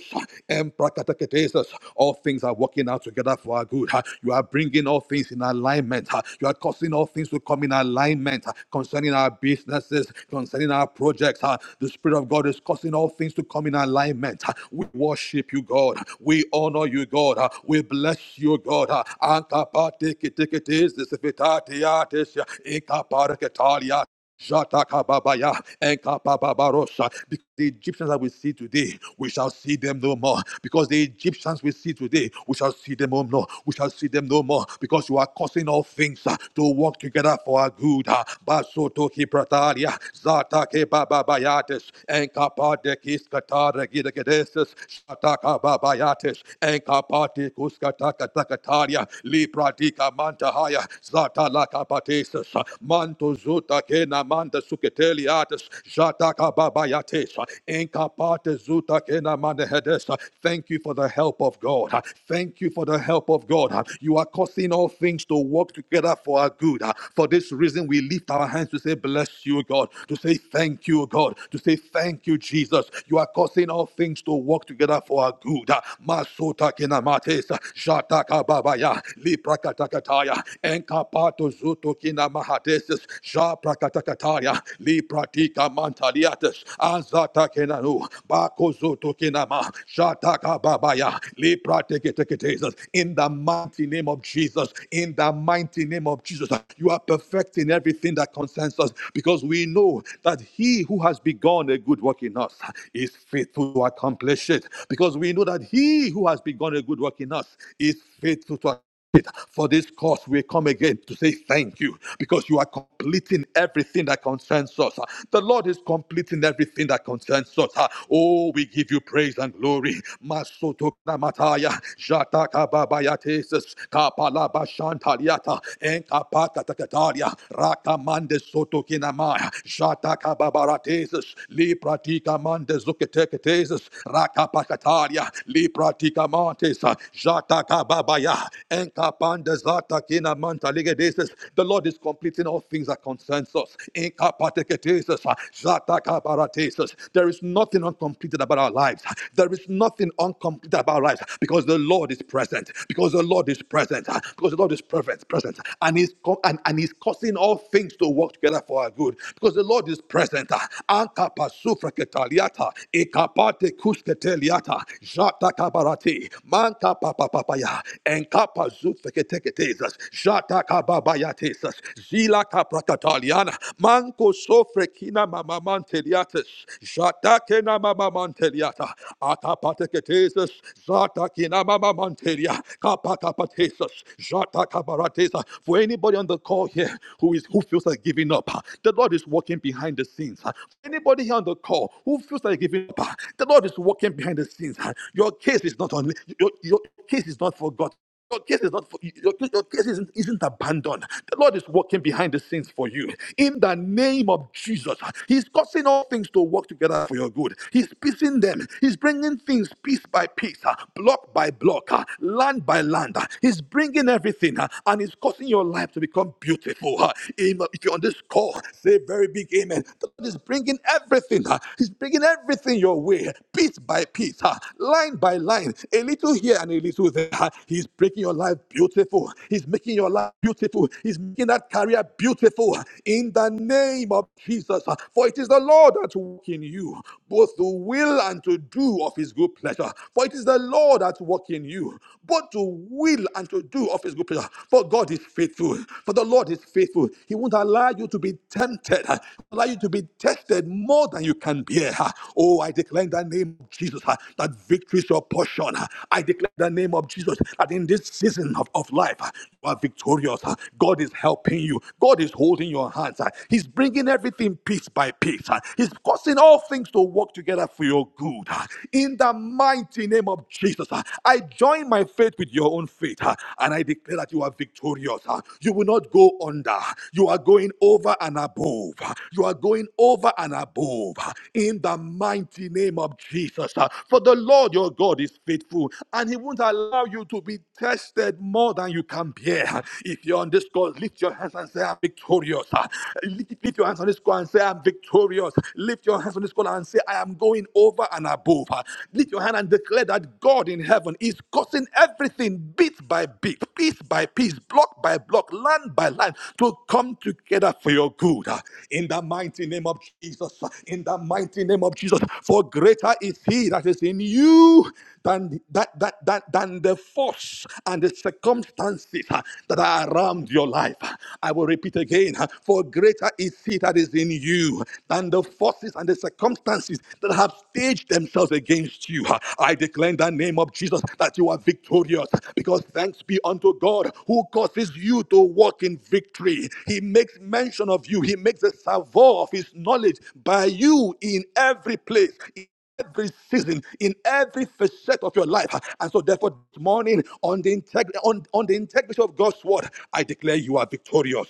Speaker 2: Emprakatakatesis. All things are working out together for our good. You are bringing all things in alignment. You are causing all things to come in alignment concerning our businesses, concerning our projects. The Spirit of God is causing all things to come in alignment. We worship you, God. We honor you, God. We bless you, God. Ankapatekitekitesis, ifitatiatis, inkapareketalia. Shatakababaya and Kapababarosa. Because the Egyptians that we see today, we shall see them no more. Because the Egyptians we see today, we shall see them no more. We shall see them no more. Because you are causing all things uh, to work together for our good. uh. Basoto kiprataria, zatake bababayates, and kapadekis kataragidagedesis, shatakababayates, and kapatikus katakatakaria, lipradika mantahaya, zatalakapatesis. Ates, Manto Zuta Kena Manda Suketeli Jataka Babayates, Inkapate Zuta Kena Manda Thank you for the help of God. Thank you for the help of God. You are causing all things to work together for our good. For this reason, we lift our hands to say, Bless you, God, to say thank you, God, to say thank you, Jesus. You are causing all things to work together for our good. Masota Kenamates, Jataka Babaya, Liprakata encapato zuto kina mahatesis, ja prakatakataya, li pratika mantaliates, azata kenanu, bako zuto kinama, shataka babaya, li prateketeketesis. In the mighty name of Jesus, in the mighty name of Jesus, you are perfecting everything that concerns us because we know that he who has begun a good work in us is faithful to accomplish it. Because we know that he who has begun a good work in us is faithful to for this cause, we come again to say thank you because you are completing everything that concerns us. The Lord is completing everything that concerns us. Oh, we give you praise and glory. Masoto namataya, jataka babayatesis, kapala bashantaliata, enkapaka takataria, rakamande soto kinamaya, jataka babaratesis, lipratika mande zuketeketesis, rakapakataria, lipratika mantes, jataka baba Maya, Enkapanda Zata Kina Manta Ligadesis. The Lord is completing all things that concerns us. Enkapateketesis, Zata Kabaratesis. There is nothing uncompleted about our lives. There is nothing uncompleted about our lives because the Lord is present. Because the Lord is present. Because the Lord is present. Present. And He's and, and He's causing all things to work together for our good. Because the Lord is present. Ankapasufraketaliata, Ekapate kusketeliata, Jata Kabarati, papaya, enkapa zufeketeketezas, jata kababayatesas, zila kaprakataliana, manko sofrekina mamamanteliates, jata kena mamamanteliata, akapateketezas, zata kina mamamantelia, kapakapatesas, jata kabaratesa. For anybody on the call here who is who feels like giving up, the Lord is walking behind the scenes. Anybody here on the call who feels like giving up, the Lord is walking behind the scenes. Your case is not on your, your case is not forgotten. Your case is not for, your, your case isn't, isn't abandoned. The Lord is working behind the scenes for you. In the name of Jesus, He's causing all things to work together for your good. He's piecing them. He's bringing things piece by piece, uh, block by block, uh, land by land. uh, He's bringing everything, uh, and He's causing your life to become beautiful. uh. Amen. If you're on this call, say a very big amen. The Lord is bringing everything. uh, He's bringing everything your way, piece by piece, uh, line by line line, a little here and a little there. He's making your life beautiful. He's making your life beautiful. He's making that career beautiful in the name of Jesus. For it is the Lord that works in you, both to will and to do of his good pleasure. For it is the Lord that works in you, both to will and to do of his good pleasure. For God is faithful. For the Lord is faithful. He won't allow you to be tempted, uh, allow you to be tested more than you can bear. uh. Oh, I declare in the name of Jesus uh, that Victory is your portion. I declare the name of Jesus that in this season of, of life, you are victorious. God is helping you. God is holding your hands. He's bringing everything piece by piece. He's causing all things to work together for your good. In the mighty name of Jesus, I join my faith with your own faith and I declare that you are victorious. You will not go under. You are going over and above. You are going over and above. In the mighty name of Jesus. Uh, For the Lord your God is faithful and he won't allow you to be tested more than you can bear. If you're on this call, lift your hands and say, I'm victorious. Uh, Lift your hands on this call and say, I'm victorious. Lift your hands on this call and say, I am going over and above. Uh, Lift your hand and declare that God in heaven is causing everything bit by bit piece by piece, block by block, line by line, to come together for your good. uh, In the mighty name of Jesus, uh, in the mighty name of Jesus, for greater is He that is in you than that that that than the force and the circumstances uh, that are around your life. I will repeat again: uh, for greater is He that is in you than the forces and the circumstances that have staged themselves against against you. I declare in the name of Jesus that you are victorious because thanks be unto God who causes you to walk in victory. He makes mention of you, He makes a savour of His knowledge by you in every place. in Every season, in every facet of your life, and so therefore, this morning on the integrity on, on the integrity of God's word, I declare you are victorious.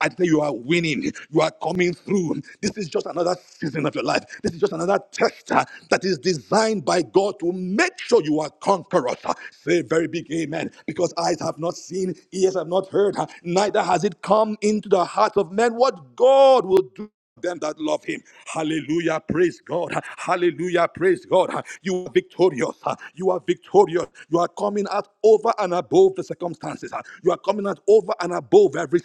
Speaker 2: I declare you are winning. You are coming breakthrough. This is just another season of your life. This is just another test uh, that is designed by God to make sure you are conquerors. Uh, Say a very big amen. Because eyes have not seen, ears have not heard, uh, neither has it come into the hearts of men what God will do them that love him. Hallelujah. Praise God. Hallelujah. Praise God. You are victorious. You are victorious. You are coming out over and above the circumstances. You are coming out over and above every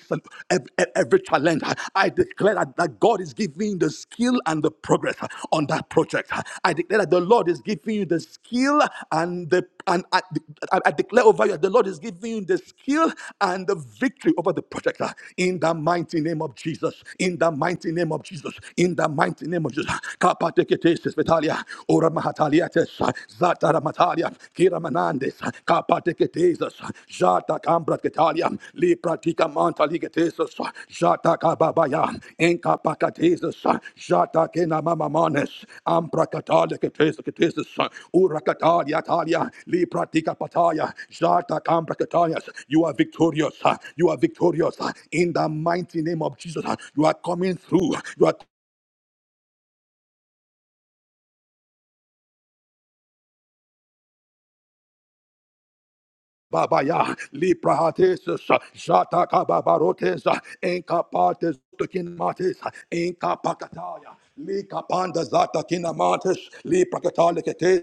Speaker 2: every, every challenge. I declare that, that God is giving you the skill and the progress on that project. I declare that the Lord is giving you the skill and the and I, I I declare over you, the Lord is giving you the skill and the victory over the project uh, in the mighty name of Jesus. In the mighty name of Jesus. In the mighty name of Jesus. Kapateketesis vitalia, ora mahataliates, zata ramatalia kira manandes, kapateketesis, jata cambra Yam, Lipratica Manta Ligatesus, Jataka Babayam, Enka Pacatesus, Jatakena Mamamanes, Ambracatalia Catesus, Uracatalia Talia, Lipratica Pataya, Jata Cambracatalias. You are victorious. You are victorious. In the mighty name of Jesus, you are coming through. You are Babaya, Liprahatesus, Shatakababarotes, Encapates, Tukinimates, Encapacataya. Lika panda zata kina mates, li prakatale ketes,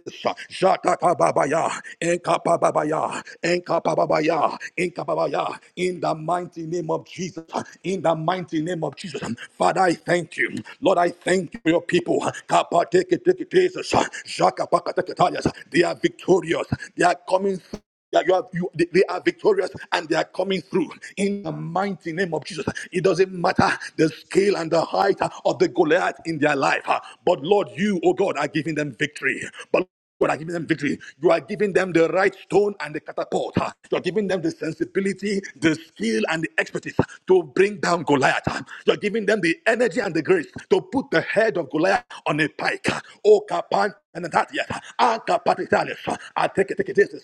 Speaker 2: shaka kababaya, enka babaya, enka babaya, enka babaya, in the mighty name of Jesus, in the mighty name of Jesus. Father, I thank you. Lord, I thank you for your people. Kapa teke teke teses, shaka pakateke tayas. They are victorious. They are coming through. Yeah, you have, you, they, they are victorious and they are coming through in the mighty name of Jesus. It doesn't matter the scale and the height of the Goliath in their life, uh, but Lord, you, oh God, are giving them victory. But God are giving them victory. You are giving them the right stone and the catapult. uh. You are giving them the sensibility, the skill, and the expertise to bring down Goliath. uh. You are giving them the energy and the grace to put the head of Goliath on a pike. Oh, Oh, and that yet, I take it, take it, this is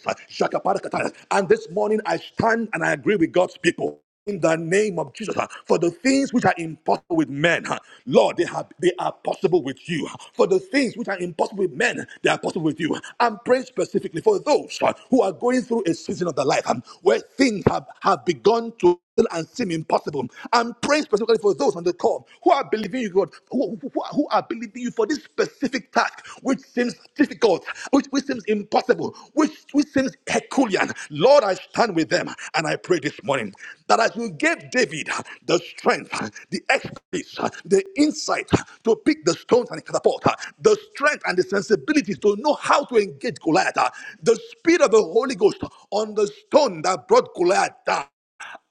Speaker 2: And this morning I stand and I agree with God's people in the name of Jesus. uh, For the things which are impossible with men, uh, Lord, they have they are possible with you. For the things which are impossible with men, they are possible with you. I'm praying specifically for those uh, who are going through a season of their life um, where things have, have begun to and seem impossible. I'm praying specifically for those on the call who are believing you, God, who, who, are- who are believing you for this specific task, which seems difficult, which, which seems impossible, which, which seems Herculean. Lord, I stand with them and I pray this morning that as you gave David the strength, the expertise, the insight to pick the stones and catapult, the strength and the sensibilities to know how to engage Goliath, the spirit of the Holy Ghost on the stone that brought Goliath down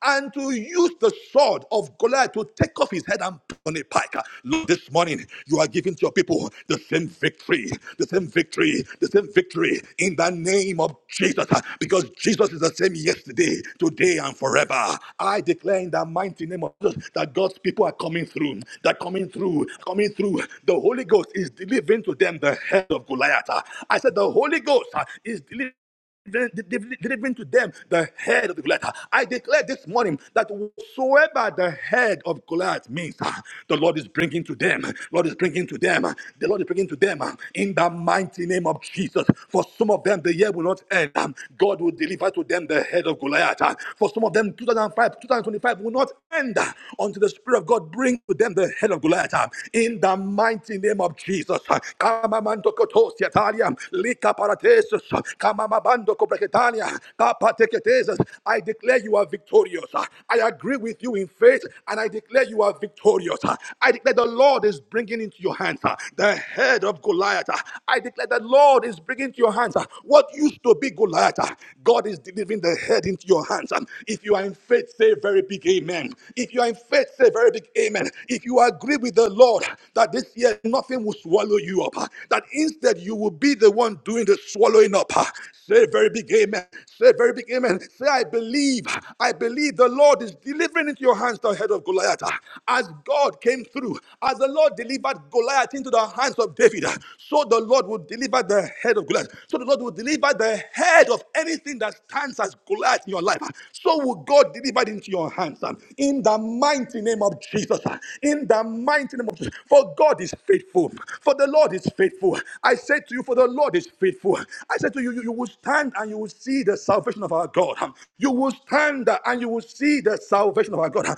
Speaker 2: and to use the sword of Goliath to take off his head and put on a pike. Lord, this morning you are giving to your people the same victory, the same victory, the same victory in the name of Jesus, because Jesus is the same yesterday, today, and forever. I declare in the mighty name of Jesus that God's people are coming through, they're coming through, coming through. The Holy Ghost is delivering to them the head of Goliath. I said, The Holy Ghost is delivering delivering to them the head of the Goliath. I declare this morning that whatsoever the head of Goliath means, the Lord is bringing to them. Lord is bringing to them. The Lord is bringing to them in the mighty name of Jesus. For some of them, the year will not end. God will deliver to them the head of Goliath. For some of them, 2005, 2025 will not end until the Spirit of God brings to them the head of Goliath. In in the mighty name of Jesus. Kamamando kotosi atalia, lika paratesus, kamamabando kopreketania, kapateketesus. I declare you are victorious. I agree with you in faith and I declare you are victorious. I declare the Lord is bringing into your hands uh, the head of Goliath. uh. I declare the Lord is bringing into your hands uh, what used to be Goliath. uh. God is delivering the head into your hands hands. If you are in faith, say a very big amen. If you are in faith, say a very big amen. If you agree with the Lord that this year nothing will swallow you up, that instead you will be the one doing the swallowing up, say a very big amen. Say a very big amen. Say, I believe, I believe the Lord is delivering into your hands the head of Goliath. As God came through, as the Lord delivered Goliath into the hands of David, so the Lord will deliver the head of Goliath. So the Lord will deliver the head of anything that stands as Goliath in your life. So will God deliver it into your hands. um, In the mighty name of Jesus. uh, In the mighty name of Jesus. For God is faithful. For the Lord is faithful. I say to you, for the Lord is faithful. I say to you, you, you will stand and you will see the salvation of our God. um, You will stand and you will see the salvation of our God.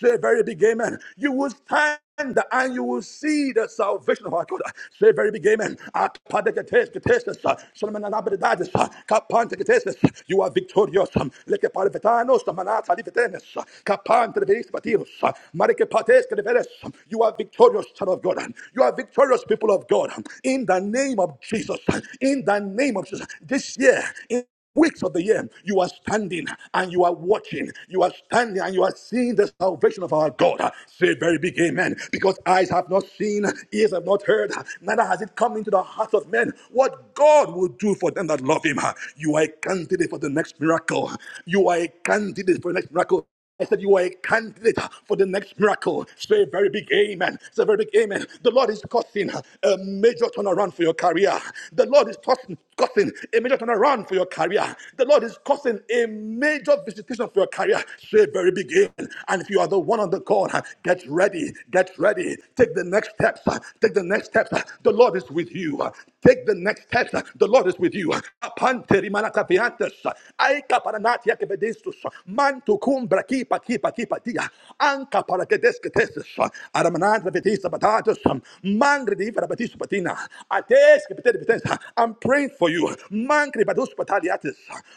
Speaker 2: Say very big amen. You will stand and you will see the salvation of our God. Say very big amen. Akapadeketeketekes, Solomon and Abedidades, Kapanteketeketekes. You are victorious. Lekepalevetanos, Manatsalifetenes, Kapanteleveispatios, Marekepateskedeveres. You are victorious, son of God. You are victorious, people of God. In the name of Jesus. In the name of Jesus. This year weeks of the year, you are standing and you are watching. You are standing and you are seeing the salvation of our God. Say very big amen. Because eyes have not seen, ears have not heard, neither has it come into the hearts of men what God will do for them that love Him. You are a candidate for the next miracle. You are a candidate for the next miracle. I said, You are a candidate for the next miracle. Say a very big amen. Say a very big amen. The Lord is causing a major turnaround for your career. The Lord is causing, causing a major turnaround for your career. The Lord is causing a major visitation for your career. Say a very big amen. And if you are the one on the call, get ready. Get ready. Take the next steps. Take the next steps. The Lord is with you. Take the next steps. The Lord is with you. Upon Terimana capiantes. Aika paranatia que vedestus. Mantu cum kipa kipa paqui patia. Anca para que desqueteses. Aramanat vetisa batatus. Mangre di verabatis patina. Ates que pete vitesa. I'm praying for you. Mangre badus pataliatis.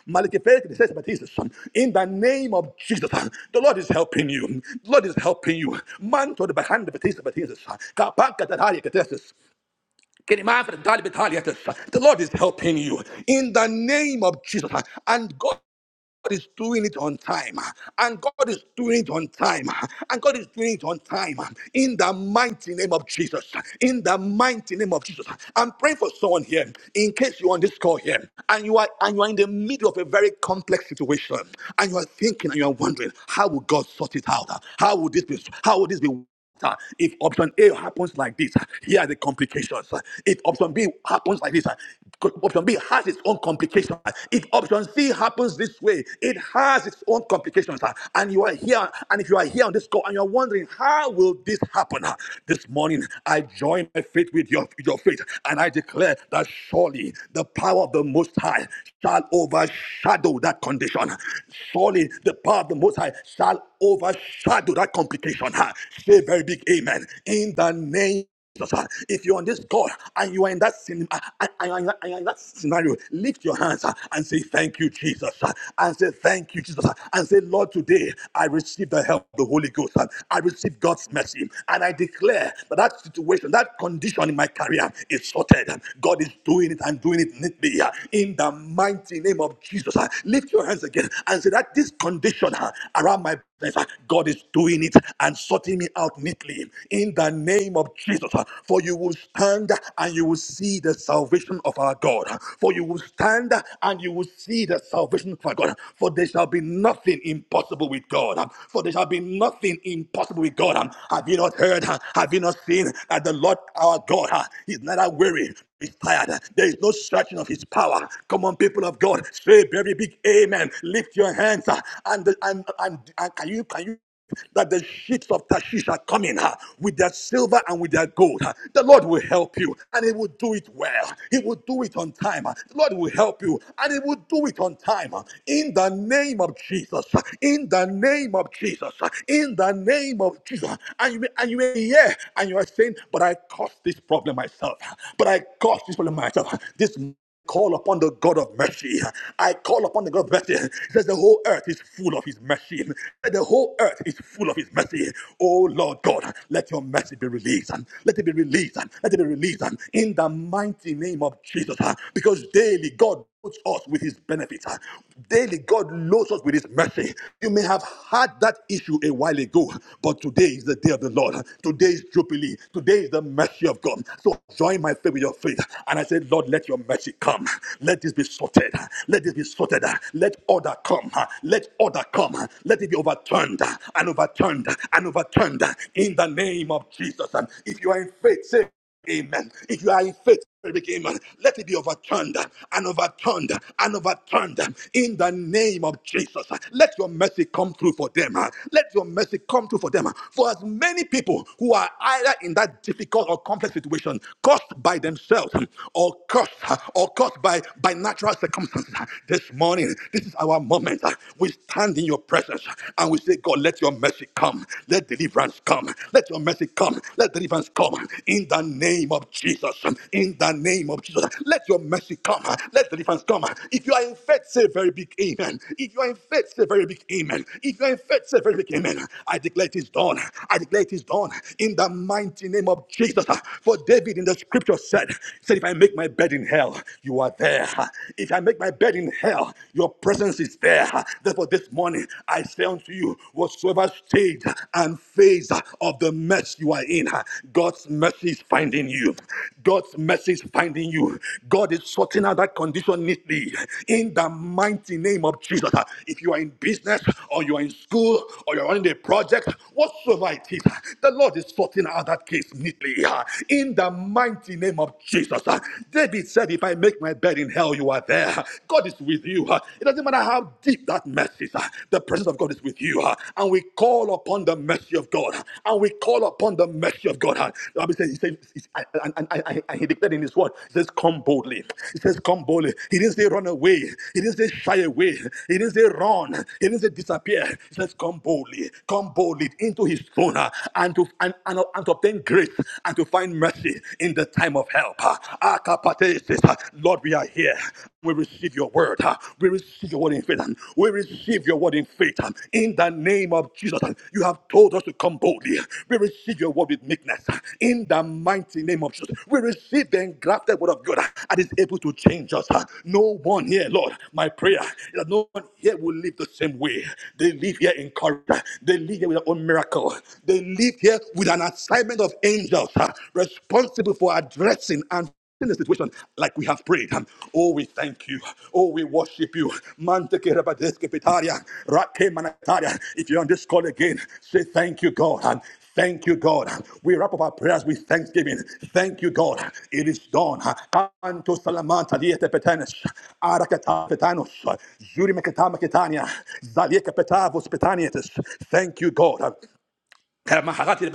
Speaker 2: Malikifet que desesa batisus. In the name of Jesus. The Lord is helping you. The Lord is helping you. Manto de bahanda vetisa batisus. Kapaka tataria catesis, can you mind for the dolly bit dolly The Lord is helping you in the name of Jesus. And God is doing it on time. And God is doing it on time. And God is doing it on time. In the mighty name of Jesus. In the mighty name of Jesus. I'm praying for someone here. In case you're on this call here and you are and you are in the middle of a very complex situation. And you are thinking and you are wondering, how will God sort it out? How will this be how will this be uh, If option A happens like this, uh, here are the complications. Uh, If option B happens like this, uh, option B has its own complications. Uh, If option C happens this way, it has its own complications. Uh, And you are here, and if you are here on this call and you're wondering, how will this happen? Uh, This morning, I join my faith with your, your faith, and I declare that surely the power of the Most High shall overshadow that condition. Surely the power of the Most High shall overshadow that complication. huh? Say a very big amen. In the name Jesus, huh? if you're on this call and you are in that scene, uh, and- and- and- and that scenario, lift your hands huh, and say, Thank you, Jesus. huh? And say, Thank you, Jesus. huh? And say, Lord, today I receive the help of the Holy Ghost. huh? I receive God's mercy. And I declare that that situation, that condition in my career is sorted. huh? God is doing it and doing it neatly. huh? In the mighty name of Jesus, huh? lift your hands again and say that this condition huh, around my God is doing it and sorting me out neatly in the name of Jesus. For you will stand and you will see the salvation of our God. For you will stand and you will see the salvation of our God. For there shall be nothing impossible with God. For there shall be nothing impossible with God. Have you not heard? Have you not seen that the Lord our God is neither weary is tired. There is no stretching of his power. Come on, people of God, say very big amen. Lift your hands uh, and and and, and can you can you that the ships of Tashish are coming uh, with their silver and with their gold. uh. The Lord will help you and He will do it well. He will do it on time. uh. The Lord will help you and He will do it on time. uh. In the name of Jesus. uh, In the name of Jesus. uh, In the name of Jesus. And you, and you may hear and you are saying, but I caused this problem myself. But I caught this problem myself. This call upon the God of mercy. I call upon the God of mercy. It says the whole earth is full of his mercy. The whole earth is full of his mercy. Oh Lord God, let your mercy be released. Let it be released. Let it be released in the mighty name of Jesus. Because daily God loads us with his benefit. Daily, God loads us with his mercy. You may have had that issue a while ago, but today is the day of the Lord. Today is Jubilee. Today is the mercy of God. So join my faith with your faith. And I said, Lord, let your mercy come. Let this be sorted. Let this be sorted. Let order come. Let order come. Let it be overturned and overturned and overturned in the name of Jesus. And If you are in faith, say, Amen. If you are in faith, Arabic amen, let it be overturned and overturned and overturned in the name of Jesus. Let your mercy come through for them. Let your mercy come through for them. For as many people who are either in that difficult or complex situation, caused by themselves or caused or caused by, by natural circumstances, this morning, this is our moment. We stand in your presence and we say, God, let your mercy come. Let deliverance come. Let your mercy come. Let deliverance come. In the name of Jesus. In the name of Jesus. Let your mercy come. Let deliverance come. If you are in faith, say a very big amen. If you are in faith, say a very big amen. If you are in faith, say a very big amen. I declare it is done. I declare it is done. In the mighty name of Jesus. For David in the scripture said, said, if I make my bed in hell, you are there. If I make my bed in hell, your presence is there. Therefore, this morning, I. I say unto you, whatsoever stage and phase of the mess you are in, God's mercy is finding you. God's mercy is finding you. God is sorting out that condition neatly in the mighty name of Jesus. If you are in business or you are in school or you're running a project, whatsoever it is, the Lord is sorting out that case neatly in the mighty name of Jesus. David said, If I make my bed in hell, you are there. God is with with you. uh, It doesn't matter how deep that mess is, uh, the presence of God is with you. uh, And we call upon the mercy of God. uh, And we call upon the mercy of God. uh. The Bible says, He says, and, and, and, and He declared in His word, He says, Come boldly. He says, Come boldly. He didn't say run away. He didn't say shy away. He didn't say run. He didn't say disappear. He says, Come boldly. Come boldly into His throne uh, and to, and, and, and to obtain grace and to find mercy in the time of help. What is this? Lord, we are here. We receive your word. uh, We receive your word in faith. uh, We receive your word in faith. uh, In the name of Jesus, uh, you have told us to come boldly. We receive your word with meekness. uh, In the mighty name of Jesus, we receive the engrafted word of God and is able to change us. uh, No one here, Lord, my prayer is that no one here will live the same way. They live here in courage. They live here with their own miracle. They live here with an assignment of angels uh, responsible for addressing and in the situation like we have prayed. huh? Oh, we thank you. Oh, we worship you. Mantekerabadeskepetaria, rakemanataria. If you're on this call again, say thank you, God. And Thank you, God. huh? We wrap up our prayers with thanksgiving. Thank you, God. huh? It is done. Kanto salamanta liete petenes, arakata petanos, zuri meketa meketania, zalie kepeta vos Thank you, God. huh? Karamaharati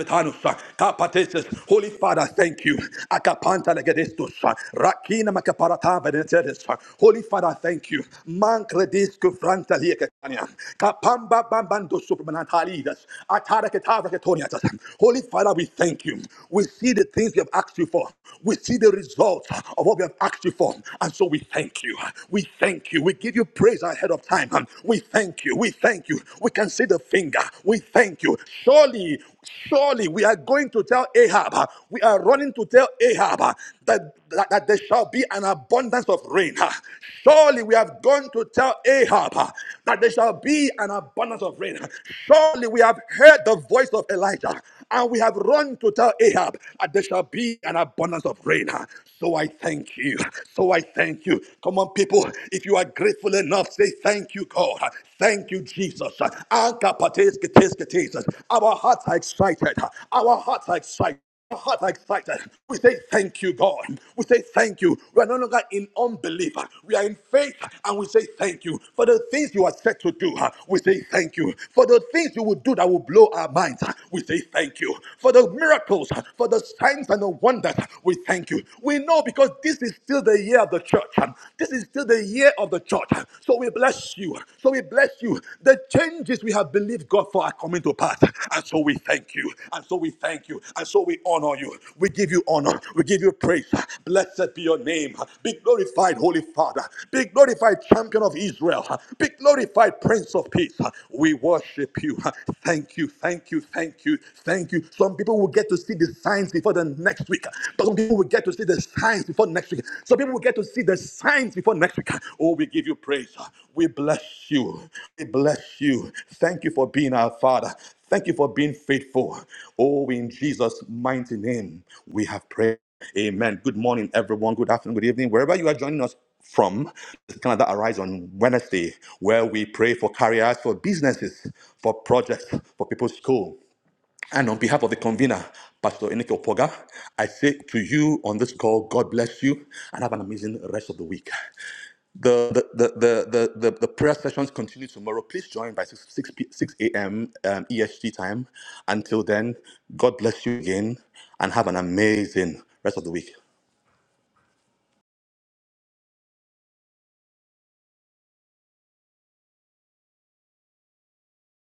Speaker 2: kapatesis. Holy Father, thank you. Akapanta legedestusa, rakina makaparata venetedesusa. Holy Father, thank you. Mankledisku franta liekekania, kapamba bambando supramanatalidas, ataraketavaketoniatas. Holy Father, we thank you. We see the things we have asked you for. We see the results of what we have asked you for. And so we thank you. We thank you. We give you praise ahead of time. We thank you. We thank you you. We can see the finger. We thank you. Surely, surely we are going to tell Ahab, uh, we are running to tell Ahab uh, that, that, that there shall be an abundance of rain. uh. Surely we have gone to tell Ahab uh, that there shall be an abundance of rain. Surely we have heard the voice of Elijah and we have run to tell Ahab that there shall be an abundance of rain. So I thank you. So I thank you. Come on, people. If you are grateful enough, say thank you, God. Thank you, Jesus. Anka pates ketes ketes. Our hearts are excited. Our hearts are excited. Our hearts are excited. We say thank you, God. We say thank you. We are no longer in unbelief. We are in faith and we say thank you for the things you are set to do. We say thank you for the things you will do that will blow our minds. We say thank you for the miracles, for the signs and the wonders. We thank you. We know because this is this is still the year of the church. This is still the year of the church. So we bless you. So we bless you. The changes we have believed God for are coming to pass. And so we thank you. And so we thank you. And so we honor you. We give you honor. We give you praise. Blessed be your name. Be glorified, Holy Father. Be glorified, Champion of Israel. Be glorified, Prince of Peace. We worship you. Thank you. Thank you. Thank you. Thank you. Some people will get to see the signs before the before the next week. But some people will get to see the signs before next week. Some people will get to see the signs before next week. Oh, we give you praise. We bless you. We bless you. Thank you for being our Father. Thank you for being faithful. Oh, in Jesus' mighty name, we have prayed. Amen. Good morning, everyone. Good afternoon, good evening. Wherever you are joining us from, this Canada Arise on Wednesday, where we pray for careers, for businesses, for projects, for people's school. And on behalf of the convener, Pastor Eneke Opoga, I say to you on this call, God bless you and have an amazing rest of the week. The the the the the, the, the prayer sessions continue tomorrow. Please join by 6 6, a.m. Um, EST time. Until then, God bless you again and have an amazing rest of the week.